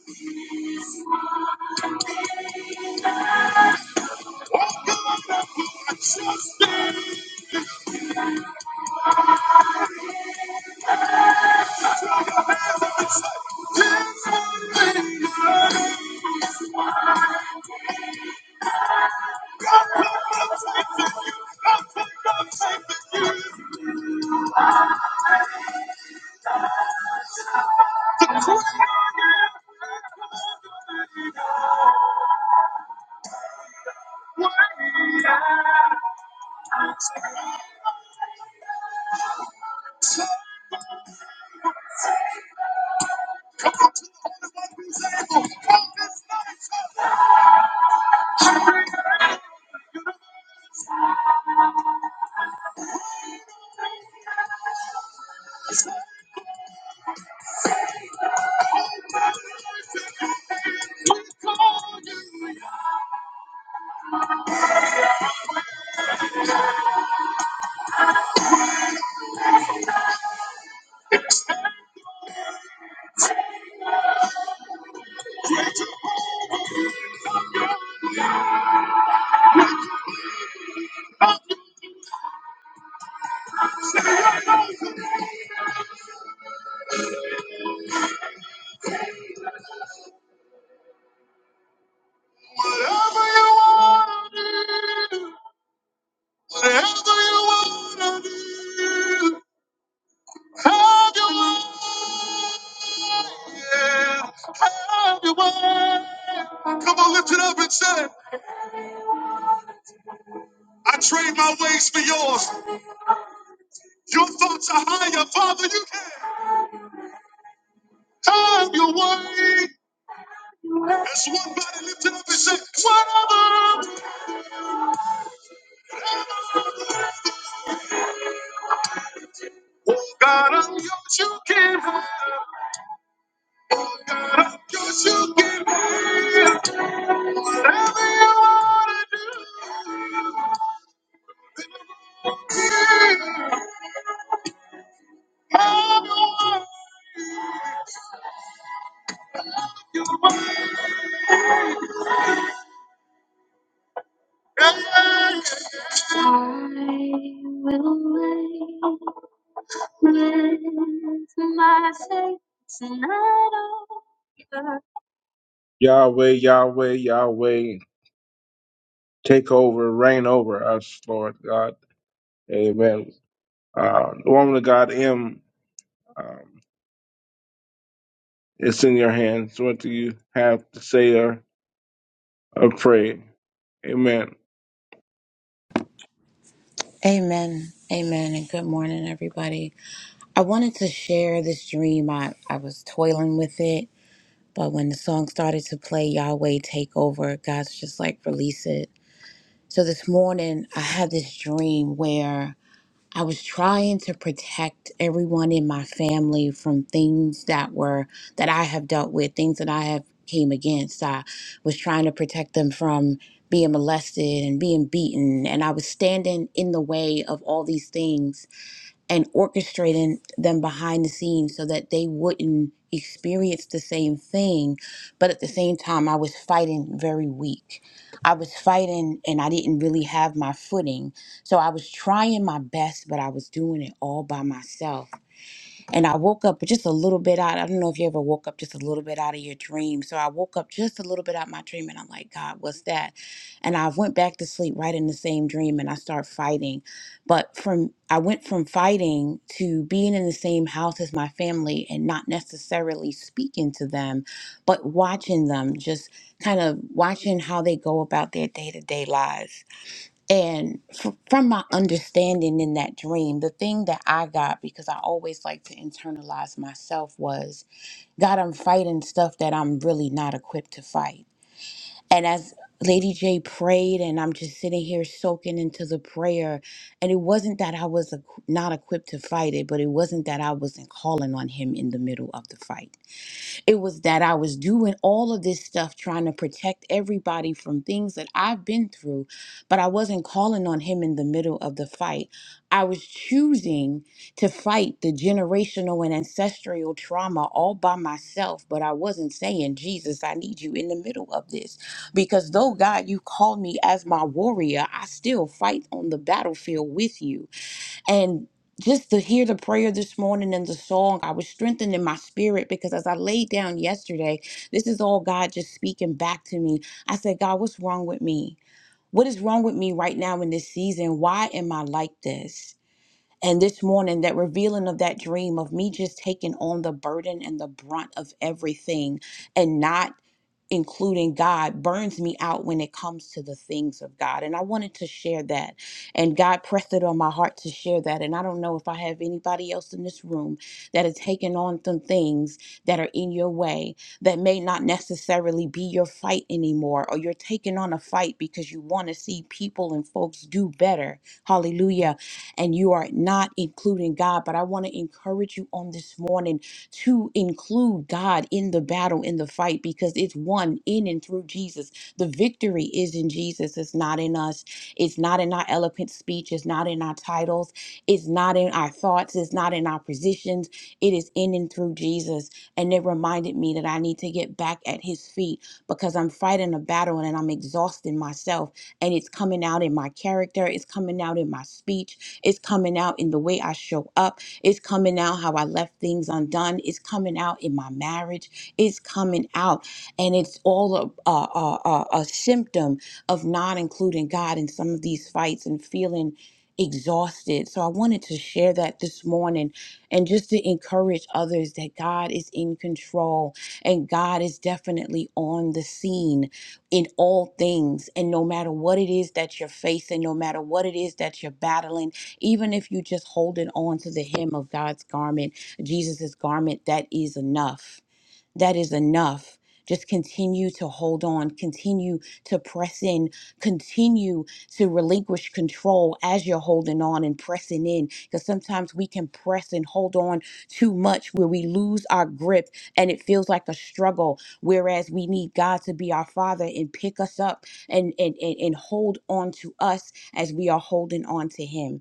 Speaker 1: Whatever you want to do, whatever you want to do, have your way. Yeah, have your way. Come on, lift it up and say, I trade my ways for yours. Your thoughts are higher, Father. You can have your way. As one body lifted up and said, Whatever. Oh God, I'm yours, you can have. Oh God, I'm yours, you can have. Whatever you want to do. Yeah, yeah, yeah. I will wait with my faith tonight. Oh God. Yahweh, Yahweh, Yahweh, take over, reign over us, Lord God. Amen. Uh, the woman of God, M. Um, It's in your hands what you have to say or, or pray. Amen.
Speaker 4: Amen. Amen. And good morning, everybody. I wanted to share this dream. I, I was toiling with it, but when the song started to play, Yahweh Take Over, God's just like, release it. So this morning, I had this dream where I was trying to protect everyone in my family from things that were, that I have dealt with, things that I have came against. I was trying to protect them from being molested and being beaten and i was standing in the way of all these things and orchestrating them behind the scenes so that they wouldn't experience the same thing. But at the same time, I was fighting very weak. I was fighting and I didn't really have my footing. So I was trying my best, but I was doing it all by myself and I woke up just a little bit out. I don't know if you ever woke up just a little bit out of your dream. So I woke up just a little bit out of my dream, and I'm like, God, what's that? And I went back to sleep right in the same dream, and I start fighting. But from I went from fighting to being in the same house as my family and not necessarily speaking to them, but watching them, just kind of watching how they go about their day to day lives and f- from my understanding in that dream, the thing that I got, because I always like to internalize myself, was God, I'm fighting stuff that I'm really not equipped to fight. And as Lady J prayed, and I'm just sitting here soaking into the prayer, and it wasn't that I was equ- not equipped to fight it, but it wasn't that I wasn't calling on Him in the middle of the fight it was that I was doing all of this stuff trying to protect everybody from things that I've been through, but I wasn't calling on him in the middle of the fight. I was choosing to fight the generational and ancestral trauma all by myself, but I wasn't saying, Jesus, I need you in the middle of this. Because though, God, you called me as my warrior, I still fight on the battlefield with you. And just to hear the prayer this morning and the song, I was strengthened in my spirit because as I laid down yesterday, this is all God just speaking back to me. I said, God, what's wrong with me? What is wrong with me right now in this season? Why am I like this? And this morning, that revealing of that dream of me just taking on the burden and the brunt of everything and not including God, burns me out when it comes to the things of God. And I wanted to share that. And God pressed it on my heart to share that. And I don't know if I have anybody else in this room that are taking on some things that are in your way that may not necessarily be your fight anymore, or you're taking on a fight because you want to see people and folks do better. Hallelujah. And you are not including God. But I want to encourage you on this morning to include God in the battle, in the fight, because it's won in and through Jesus. The victory is in Jesus. It's not in us. It's not in our eloquent speech. It's not in our titles. It's not in our thoughts. It's not in our positions. It is in and through Jesus. And it reminded me that I need to get back at his feet because I'm fighting a battle and I'm exhausting myself. And it's coming out in my character. It's coming out in my speech. It's coming out in the way I show up it's coming out how I left things undone. It's coming out in my marriage. It's coming out. And it's all a, a, a, a a symptom of not including God in some of these fights and feeling exhausted. So I wanted to share that this morning and just to encourage others that God is in control and God is definitely on the scene in all things. And no matter what it is that you're facing, no matter what it is that you're battling, even if you just holding on to the hem of God's garment, Jesus' garment, that is enough. That is enough. Just continue to hold on, continue to press in, continue to relinquish control as you're holding on and pressing in. Because sometimes we can press and hold on too much where we lose our grip and it feels like a struggle. Whereas we need God to be our Father and pick us up and, and, and, and hold on to us as we are holding on to Him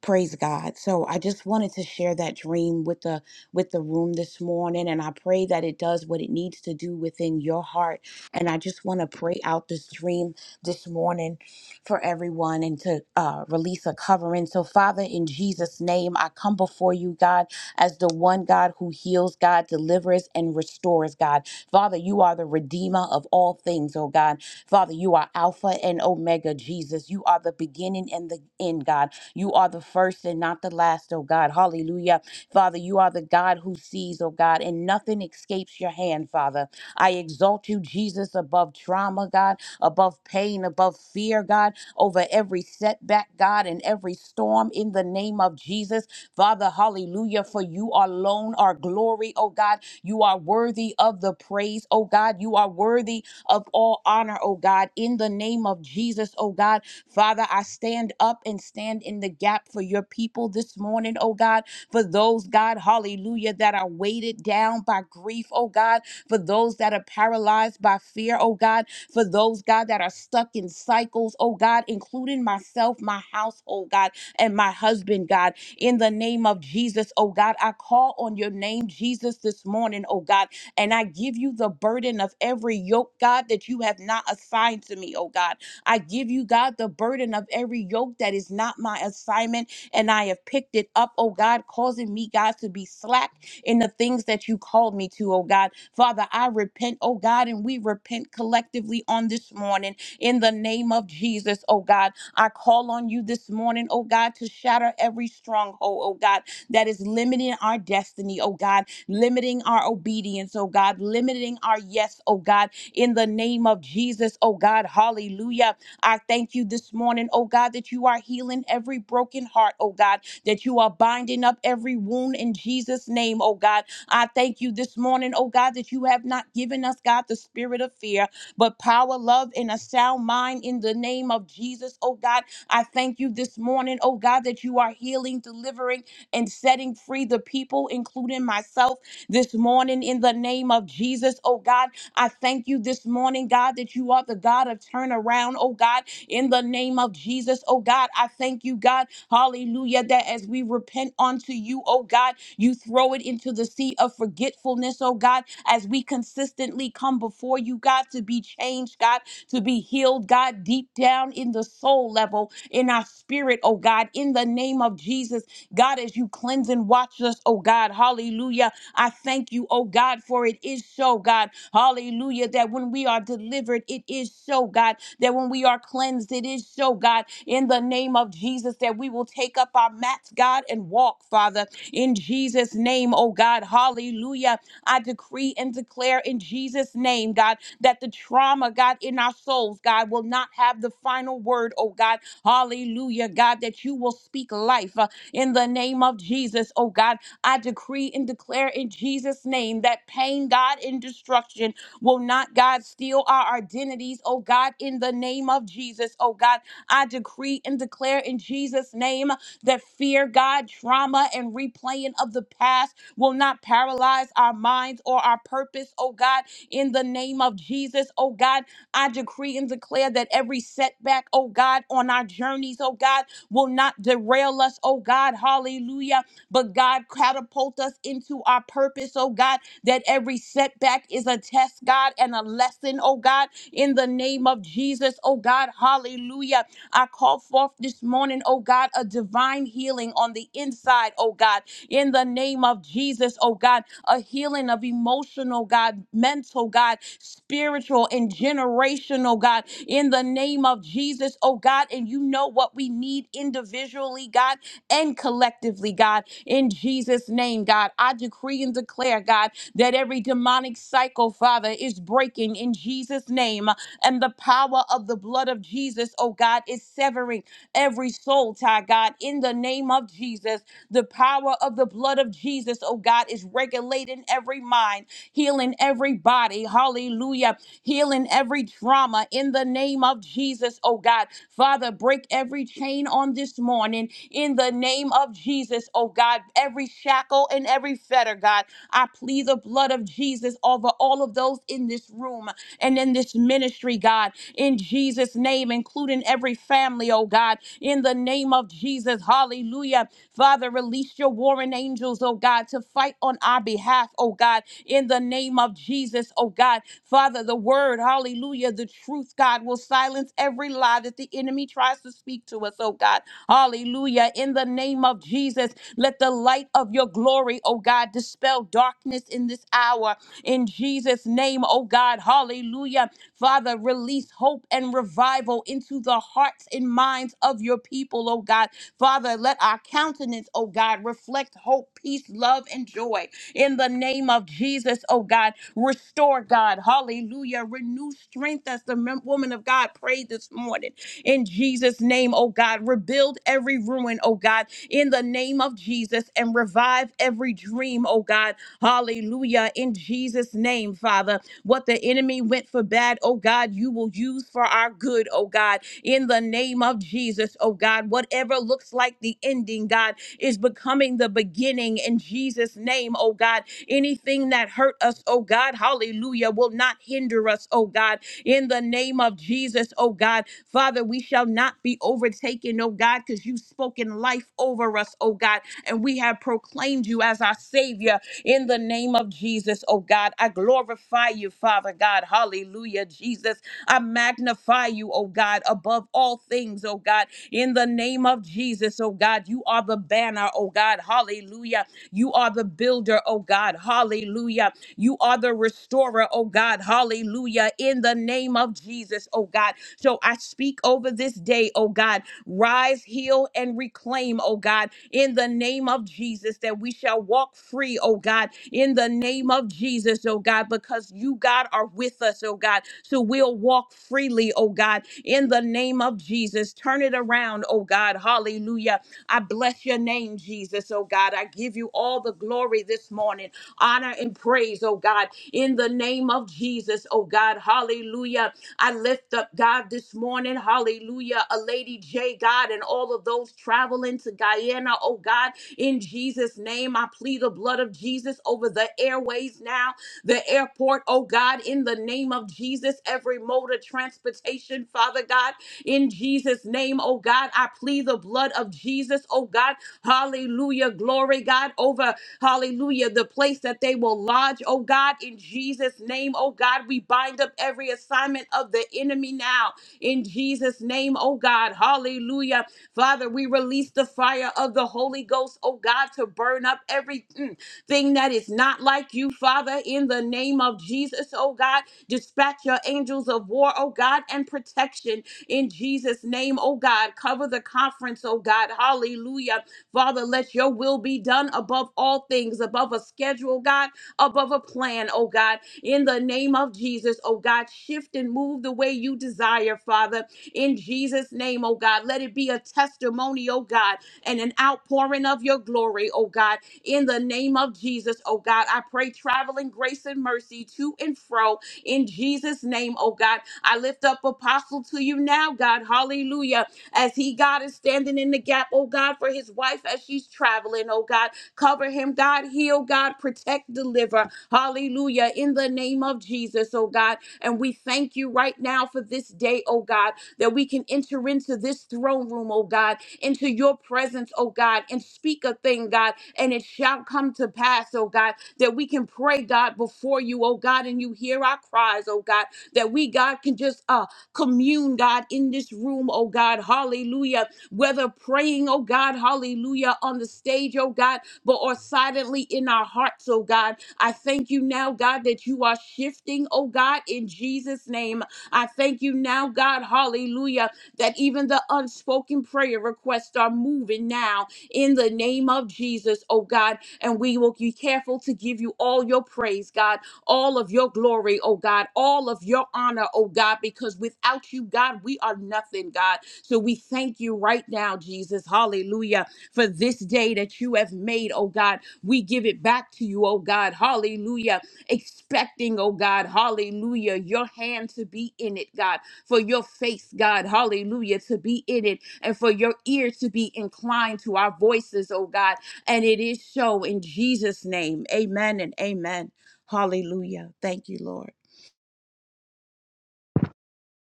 Speaker 4: praise god so i just wanted to share that dream with the with the room this morning and i pray that it does what it needs to do within your heart and i just want to pray out this dream this morning for everyone and to uh, release a covering so father in jesus name i come before you god as the one god who heals god delivers and restores god father you are the redeemer of all things oh god father you are alpha and omega jesus you are the beginning and the end god you are the first and not the last, oh God. Hallelujah. Father, you are the God who sees, oh God, and nothing escapes your hand, Father. I exalt you, Jesus, above trauma, God, above pain, above fear, God, over every setback, God, and every storm in the name of Jesus. Father, hallelujah, for you alone are glory, oh God. You are worthy of the praise, oh God. You are worthy of all honor, oh God, in the name of Jesus, oh God. Father, I stand up and stand in the gap for your people this morning, oh God, for those, God, hallelujah, that are weighted down by grief, oh God, for those that are paralyzed by fear, oh God, for those, God, that are stuck in cycles, oh God, including myself, my household, God, and my husband, God. In the name of Jesus, oh God, I call on your name, Jesus, this morning, oh God, and I give you the burden of every yoke, God, that you have not assigned to me, oh God. I give you, God, the burden of every yoke that is not my assignment, and I have picked it up, oh God, causing me, God, to be slack in the things that you called me to, oh God. Father, I repent, oh God, and we repent collectively on this morning in the name of Jesus, oh God. I call on you this morning, oh God, to shatter every stronghold, oh God, that is limiting our destiny, oh God, limiting our obedience, oh God, limiting our yes, oh God, in the name of Jesus, oh God. Hallelujah. I thank you this morning, oh God, that you are healing every broken heart, oh God, that you are binding up every wound in Jesus' name, oh God. I thank you this morning, oh God, that you have not given us, God, the spirit of fear, but power, love, and a sound mind in the name of Jesus, oh God. I thank you this morning, oh God, that you are healing, delivering, and setting free the people, including myself, this morning in the name of Jesus, oh God. I thank you this morning, God, that you are the God of turnaround, oh God, in the name of Jesus, oh God. I thank you, God, hallelujah, that as we repent unto you, oh God, you throw it into the sea of forgetfulness, oh God, as we consistently come before you, God, to be changed, God, to be healed, God, deep down in the soul level, in our spirit, oh God, in the name of Jesus, God, as you cleanse and watch us, oh God, hallelujah. I thank you, oh God, for it is so, God. Hallelujah. That when we are delivered, it is so, God. That when we are cleansed, it is so, God. In the name of Jesus, that we will take up our mats, God, and walk, Father. In Jesus' name, oh God. Hallelujah. I decree and declare in Jesus' name, God, that the trauma, God, in our souls, God, will not have the final word, oh God. Hallelujah, God, that you will speak life uh, in the name of Jesus, oh God I decree and declare in Jesus' name that pain, God, and destruction will not, God, steal our identities, oh God, in the name of Jesus, oh God. I decree and declare in Jesus' name that fear, God, trauma, and replaying of the past will not paralyze our minds or our purpose, oh God, in the name of Jesus, oh God. I decree and declare that every setback, oh God, on our journeys, oh God, will not derail us, oh God, hallelujah but God, catapult us into our purpose, oh God, that every setback is a test, God, and a lesson, oh God, in the name of Jesus, oh God, hallelujah. I call forth this morning, oh God, a divine healing on the inside, oh God, in the name of Jesus, oh God, a healing of emotional, God, mental, God, spiritual and generational, God, in the name of Jesus, oh God. And you know what we need individually, God, and collectively, God in Jesus' name, God. I decree and declare, God, that every demonic cycle, Father, is breaking in Jesus' name. And the power of the blood of Jesus, oh God, is severing every soul tie, God, in the name of Jesus. The power of the blood of Jesus, oh God, is regulating every mind, healing every body. Hallelujah. Healing every trauma in the name of Jesus, oh God. Father, break every chain on this morning in the name of Jesus, oh God. Every shackle and every fetter, God, I plead the blood of Jesus over all of those in this room and in this ministry, God, in Jesus' name, including every family, oh God, in the name of Jesus. Hallelujah. Father, release your warring angels, oh God, to fight on our behalf, oh God, in the name of Jesus, oh God. Father, the word, hallelujah, the truth, God, will silence every lie that the enemy tries to speak to us, oh God Hallelujah. In the name of Jesus, let the light of your glory, oh God, dispel darkness in this hour. In Jesus' name, oh God. Hallelujah. Father, release hope and revival into the hearts and minds of your people, oh God. Father, let our countenance, oh God, reflect hope, peace, love, and joy. In the name of Jesus, oh God, restore, God. Hallelujah. Renew strength as the mem- woman of God prayed this morning in Jesus' name, oh God. Rebuild every ruin, oh God, in the name of Jesus, and revive every dream, oh God. Hallelujah. In Jesus' name, Father, what the enemy went for bad, oh God, you will use for our good, oh God, in the name of Jesus, oh God. Whatever looks like the ending, God, is becoming the beginning in Jesus' name, oh God. Anything that hurt us, oh God, hallelujah, will not hinder us, oh God, in the name of Jesus, oh God. Father, we shall not be overtaken, oh God, because you've spoken life over us, oh God, and we have proclaimed you as our Savior in the name of Jesus, oh God. I glorify you, Father God. Hallelujah, Jesus. I magnify you, oh God, above all things, oh God, in the name of Jesus, oh God. You are the banner, oh God. Hallelujah. You are the builder, oh God. Hallelujah. You are the restorer, oh God. Hallelujah. In the name of Jesus, oh God. So I speak over this day, oh God, rise, heal, and reclaim, oh God, in the name of Jesus, that we shall walk free, oh God, in the name of Jesus, oh God, because you, God, are with us, oh God. So we'll walk freely, oh God, in the name of Jesus. Turn it around, oh God. Hallelujah. I bless your name, Jesus, oh God. I give you all the glory this morning, honor and praise, oh God, in the name of Jesus, oh God. Hallelujah. I lift up, God, this morning, hallelujah, a Lady J, God, and all of those traveling to Guyana, oh God, in Jesus' name, I plead the blood of Jesus over the airways now, the airport, oh God, in the name of Jesus, every mode of transportation, Father God, in Jesus' name, oh God, I plead the blood of Jesus, oh God, hallelujah, glory, God, over Hallelujah. The place that they will lodge, oh God, in Jesus' name, oh God, we bind up every assignment of the enemy now in Jesus' name, oh God. Hallelujah. Father, we release the fire of the Holy Ghost, oh God, to burn up every mm, thing that is not like you, Father, in the name of Jesus, oh God. Dispatch your angels of war, oh God, and protection in Jesus' name, oh God. Cover the conference, oh God. Hallelujah. Father, let your will be done above all things, above a schedule, God, above a plan, oh God. In the name of Jesus, oh God, shift and move the way you desire, Father. In Jesus' name, oh God, let it be a testimony, oh God, and an outpouring of your glory, oh God. In the name of Jesus, oh God, I pray traveling grace and mercy to and fro. In Jesus' name, oh God, I lift up apostle to you now, God. Hallelujah as he, God, is standing in the gap, oh God, for his wife as she's traveling, oh God. Cover him, God, heal, God, protect, deliver. Hallelujah. In the name of Jesus, oh God. And we thank you right now for this day, oh God, that we can enter into this throne room, oh God, into your presence, oh God, and speak a thing, God, and it shall come to pass, oh God, that we can pray, God, before you, oh God, and you hear our cries, oh God, that we, God, can just uh commune, God, in this room, oh God, hallelujah. Whether praying, oh God, hallelujah, on the stage, oh God, but or silently in our hearts, oh God. I thank you now, God, that you are shifting, oh God, in Jesus' name. I thank you now, God, hallelujah, that even the unspoken prayer requests are moving now in the name of Jesus, oh God. And we will be careful to give you all your praise, God all of your glory, oh God, all of your honor, oh God, because without you, God, we are nothing, God. So we thank you right now, Jesus. Hallelujah. For this day that you have made, oh God, we give it back to you, oh God. Hallelujah. Expecting, oh God, hallelujah, your hand to be in it, God, for your face, God, hallelujah, to be in it, and for your ear to be inclined to our voices, oh God. And it is so in Jesus' name. Amen and amen. Hallelujah. Thank you, Lord.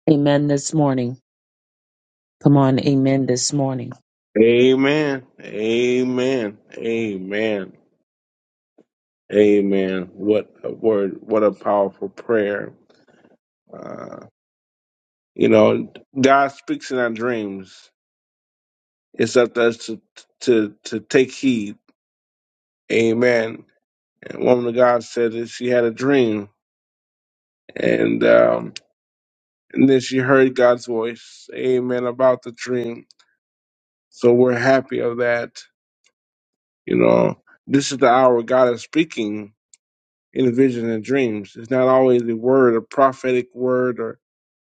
Speaker 2: Amen this morning. Come on, amen this morning.
Speaker 1: Amen. Amen. Amen. Amen. What a word. What a powerful prayer. Uh, you know, God speaks in our dreams. It's up to us to, to, to take heed. Amen. And woman of God said that she had a dream. And, um, and then she heard God's voice. Amen. About the dream. So we're happy of that You know, this is the hour God is speaking in a vision and dreams. It's not always a word, a prophetic word, or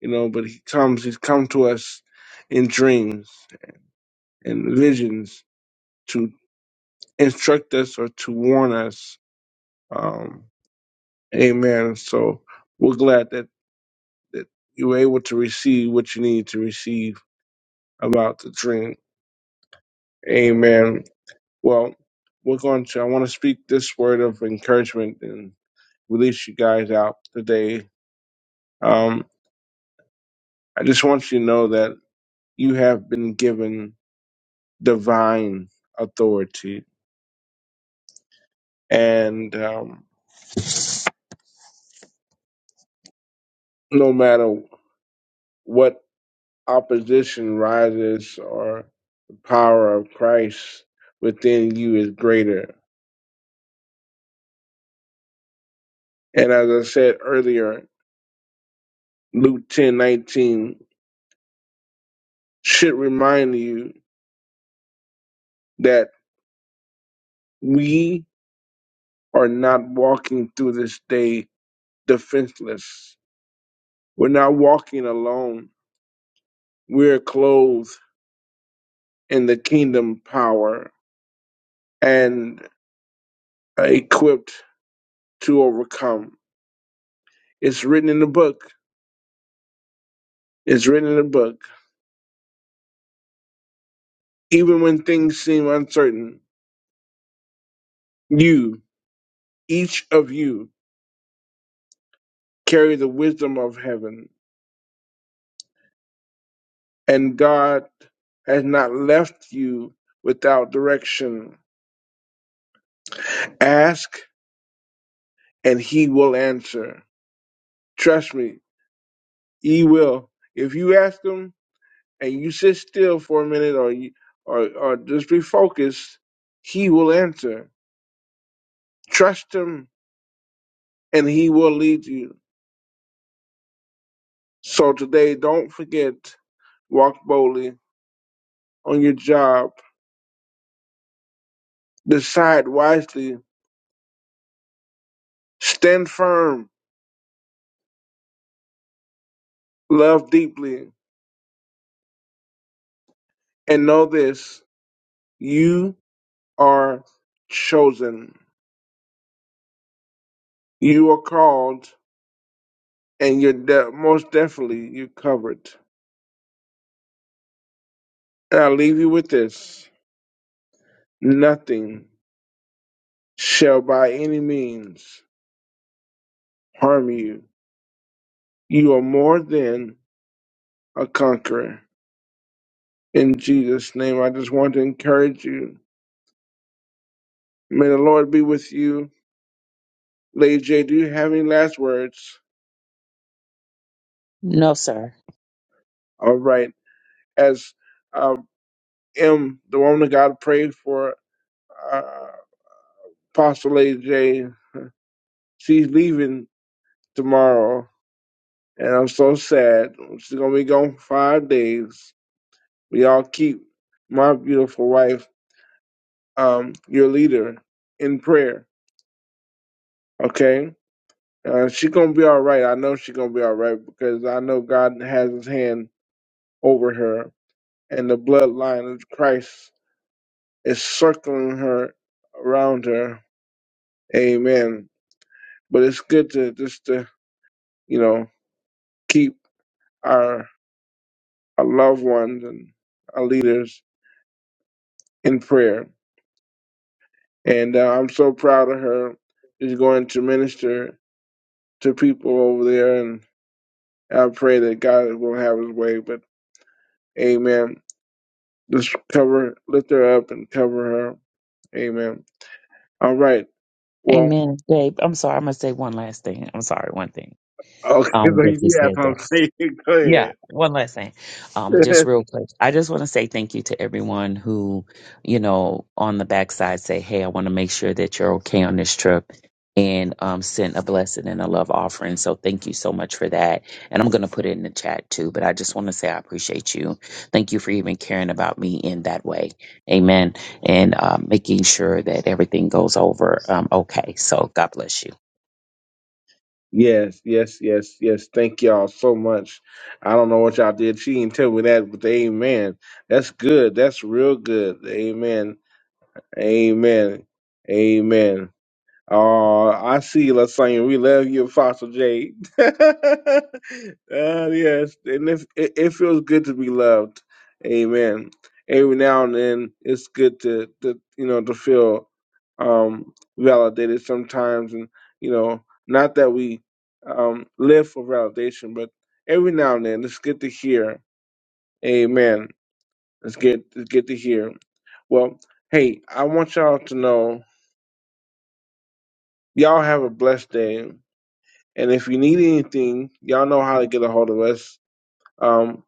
Speaker 1: you know, but He comes. He's come to us in dreams and visions to instruct us or to warn us. Um, amen. So we're glad that that you were able to receive what you need to receive about the dream. Amen. Well, we're going to. I want to speak this word of encouragement and release you guys out today Um, I just want you to know that you have been given divine authority, and um, no matter what opposition rises or the power of Christ within you is greater. And as I said earlier, Luke ten nineteen should remind you that we are not walking through this day defenseless. We're not walking alone. We're clothed in the kingdom power and uh, equipped to overcome. It's written in the book. It's written in the book. Even when things seem uncertain, you, each of you, carry the wisdom of heaven, and God has not left you without direction. Ask, and He will answer. Trust me, He will. If you ask Him and you sit still for a minute, or you, or, or just be focused, He will answer Trust him and he will lead you. So today, don't forget, walk boldly on your job, decide wisely, stand firm, love deeply, and know this you are chosen, you are called, and you're de- most definitely you're covered. And I leave you with this nothing shall by any means harm you. You are more than a conqueror. In Jesus' name, I just want to encourage you. May the Lord be with you. Lady J, do you have any last words?
Speaker 2: No, sir.
Speaker 1: All right. As uh, M, the woman of God, prayed for uh, Apostle Lady J, she's leaving tomorrow, and I'm so sad. She's going to be gone for five days. We all keep my beautiful wife, um, your leader, in prayer, okay? Uh, she gonna be all right. I know she's gonna be all right because I know God has His hand over her, and the bloodline of Christ is circling her around her. Amen. But it's good to just to you know keep our our loved ones and our leaders in prayer. And uh, I'm so proud of her. She's going to minister to people over there, and I pray that God will have His way. But Amen. Just cover, lift her up, and cover her. Amen. All right. Well.
Speaker 2: Amen. Babe, I'm sorry. I'm going to say one last thing. I'm sorry, one thing.
Speaker 1: Okay,
Speaker 2: Um,
Speaker 1: so
Speaker 2: that
Speaker 1: you
Speaker 2: you
Speaker 1: do have
Speaker 2: said
Speaker 1: something.
Speaker 2: that.
Speaker 1: Go
Speaker 2: Yeah,
Speaker 1: ahead.
Speaker 2: one last thing. Um, just real quick. I just want to say thank you to everyone who, you know, on the backside say, Hey, I want to make sure that you're okay on this trip and um sent a blessing and a love offering. So thank you so much for that. And I'm gonna put it in the chat too, but I just want to say I appreciate you. Thank you for even caring about me in that way. Amen. And um making sure that everything goes over um okay. So God bless you.
Speaker 1: yes, yes, yes, yes. Thank y'all so much. I don't know what y'all did. She didn't tell me that, but amen. That's good. That's real good. Amen. Amen. Amen. Oh, I see you saying we love you, Fossil Jade. uh, yes, and if it, it feels good to be loved, Amen. Every now and then, it's good to, to you know to feel um, validated sometimes, and you know, not that we um, live for validation, but every now and then, it's good to hear, Amen. It's good, it's good to hear. Well, hey, I want y'all to know, y'all have a blessed day And if you need anything, y'all know how to get a hold of us. Um,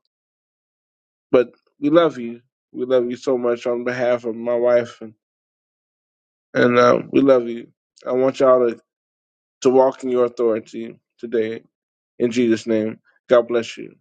Speaker 1: but we love you. We love you so much on behalf of my wife, and, and uh, we love you. I want y'all to, to walk in your authority today. In Jesus' name, God bless you.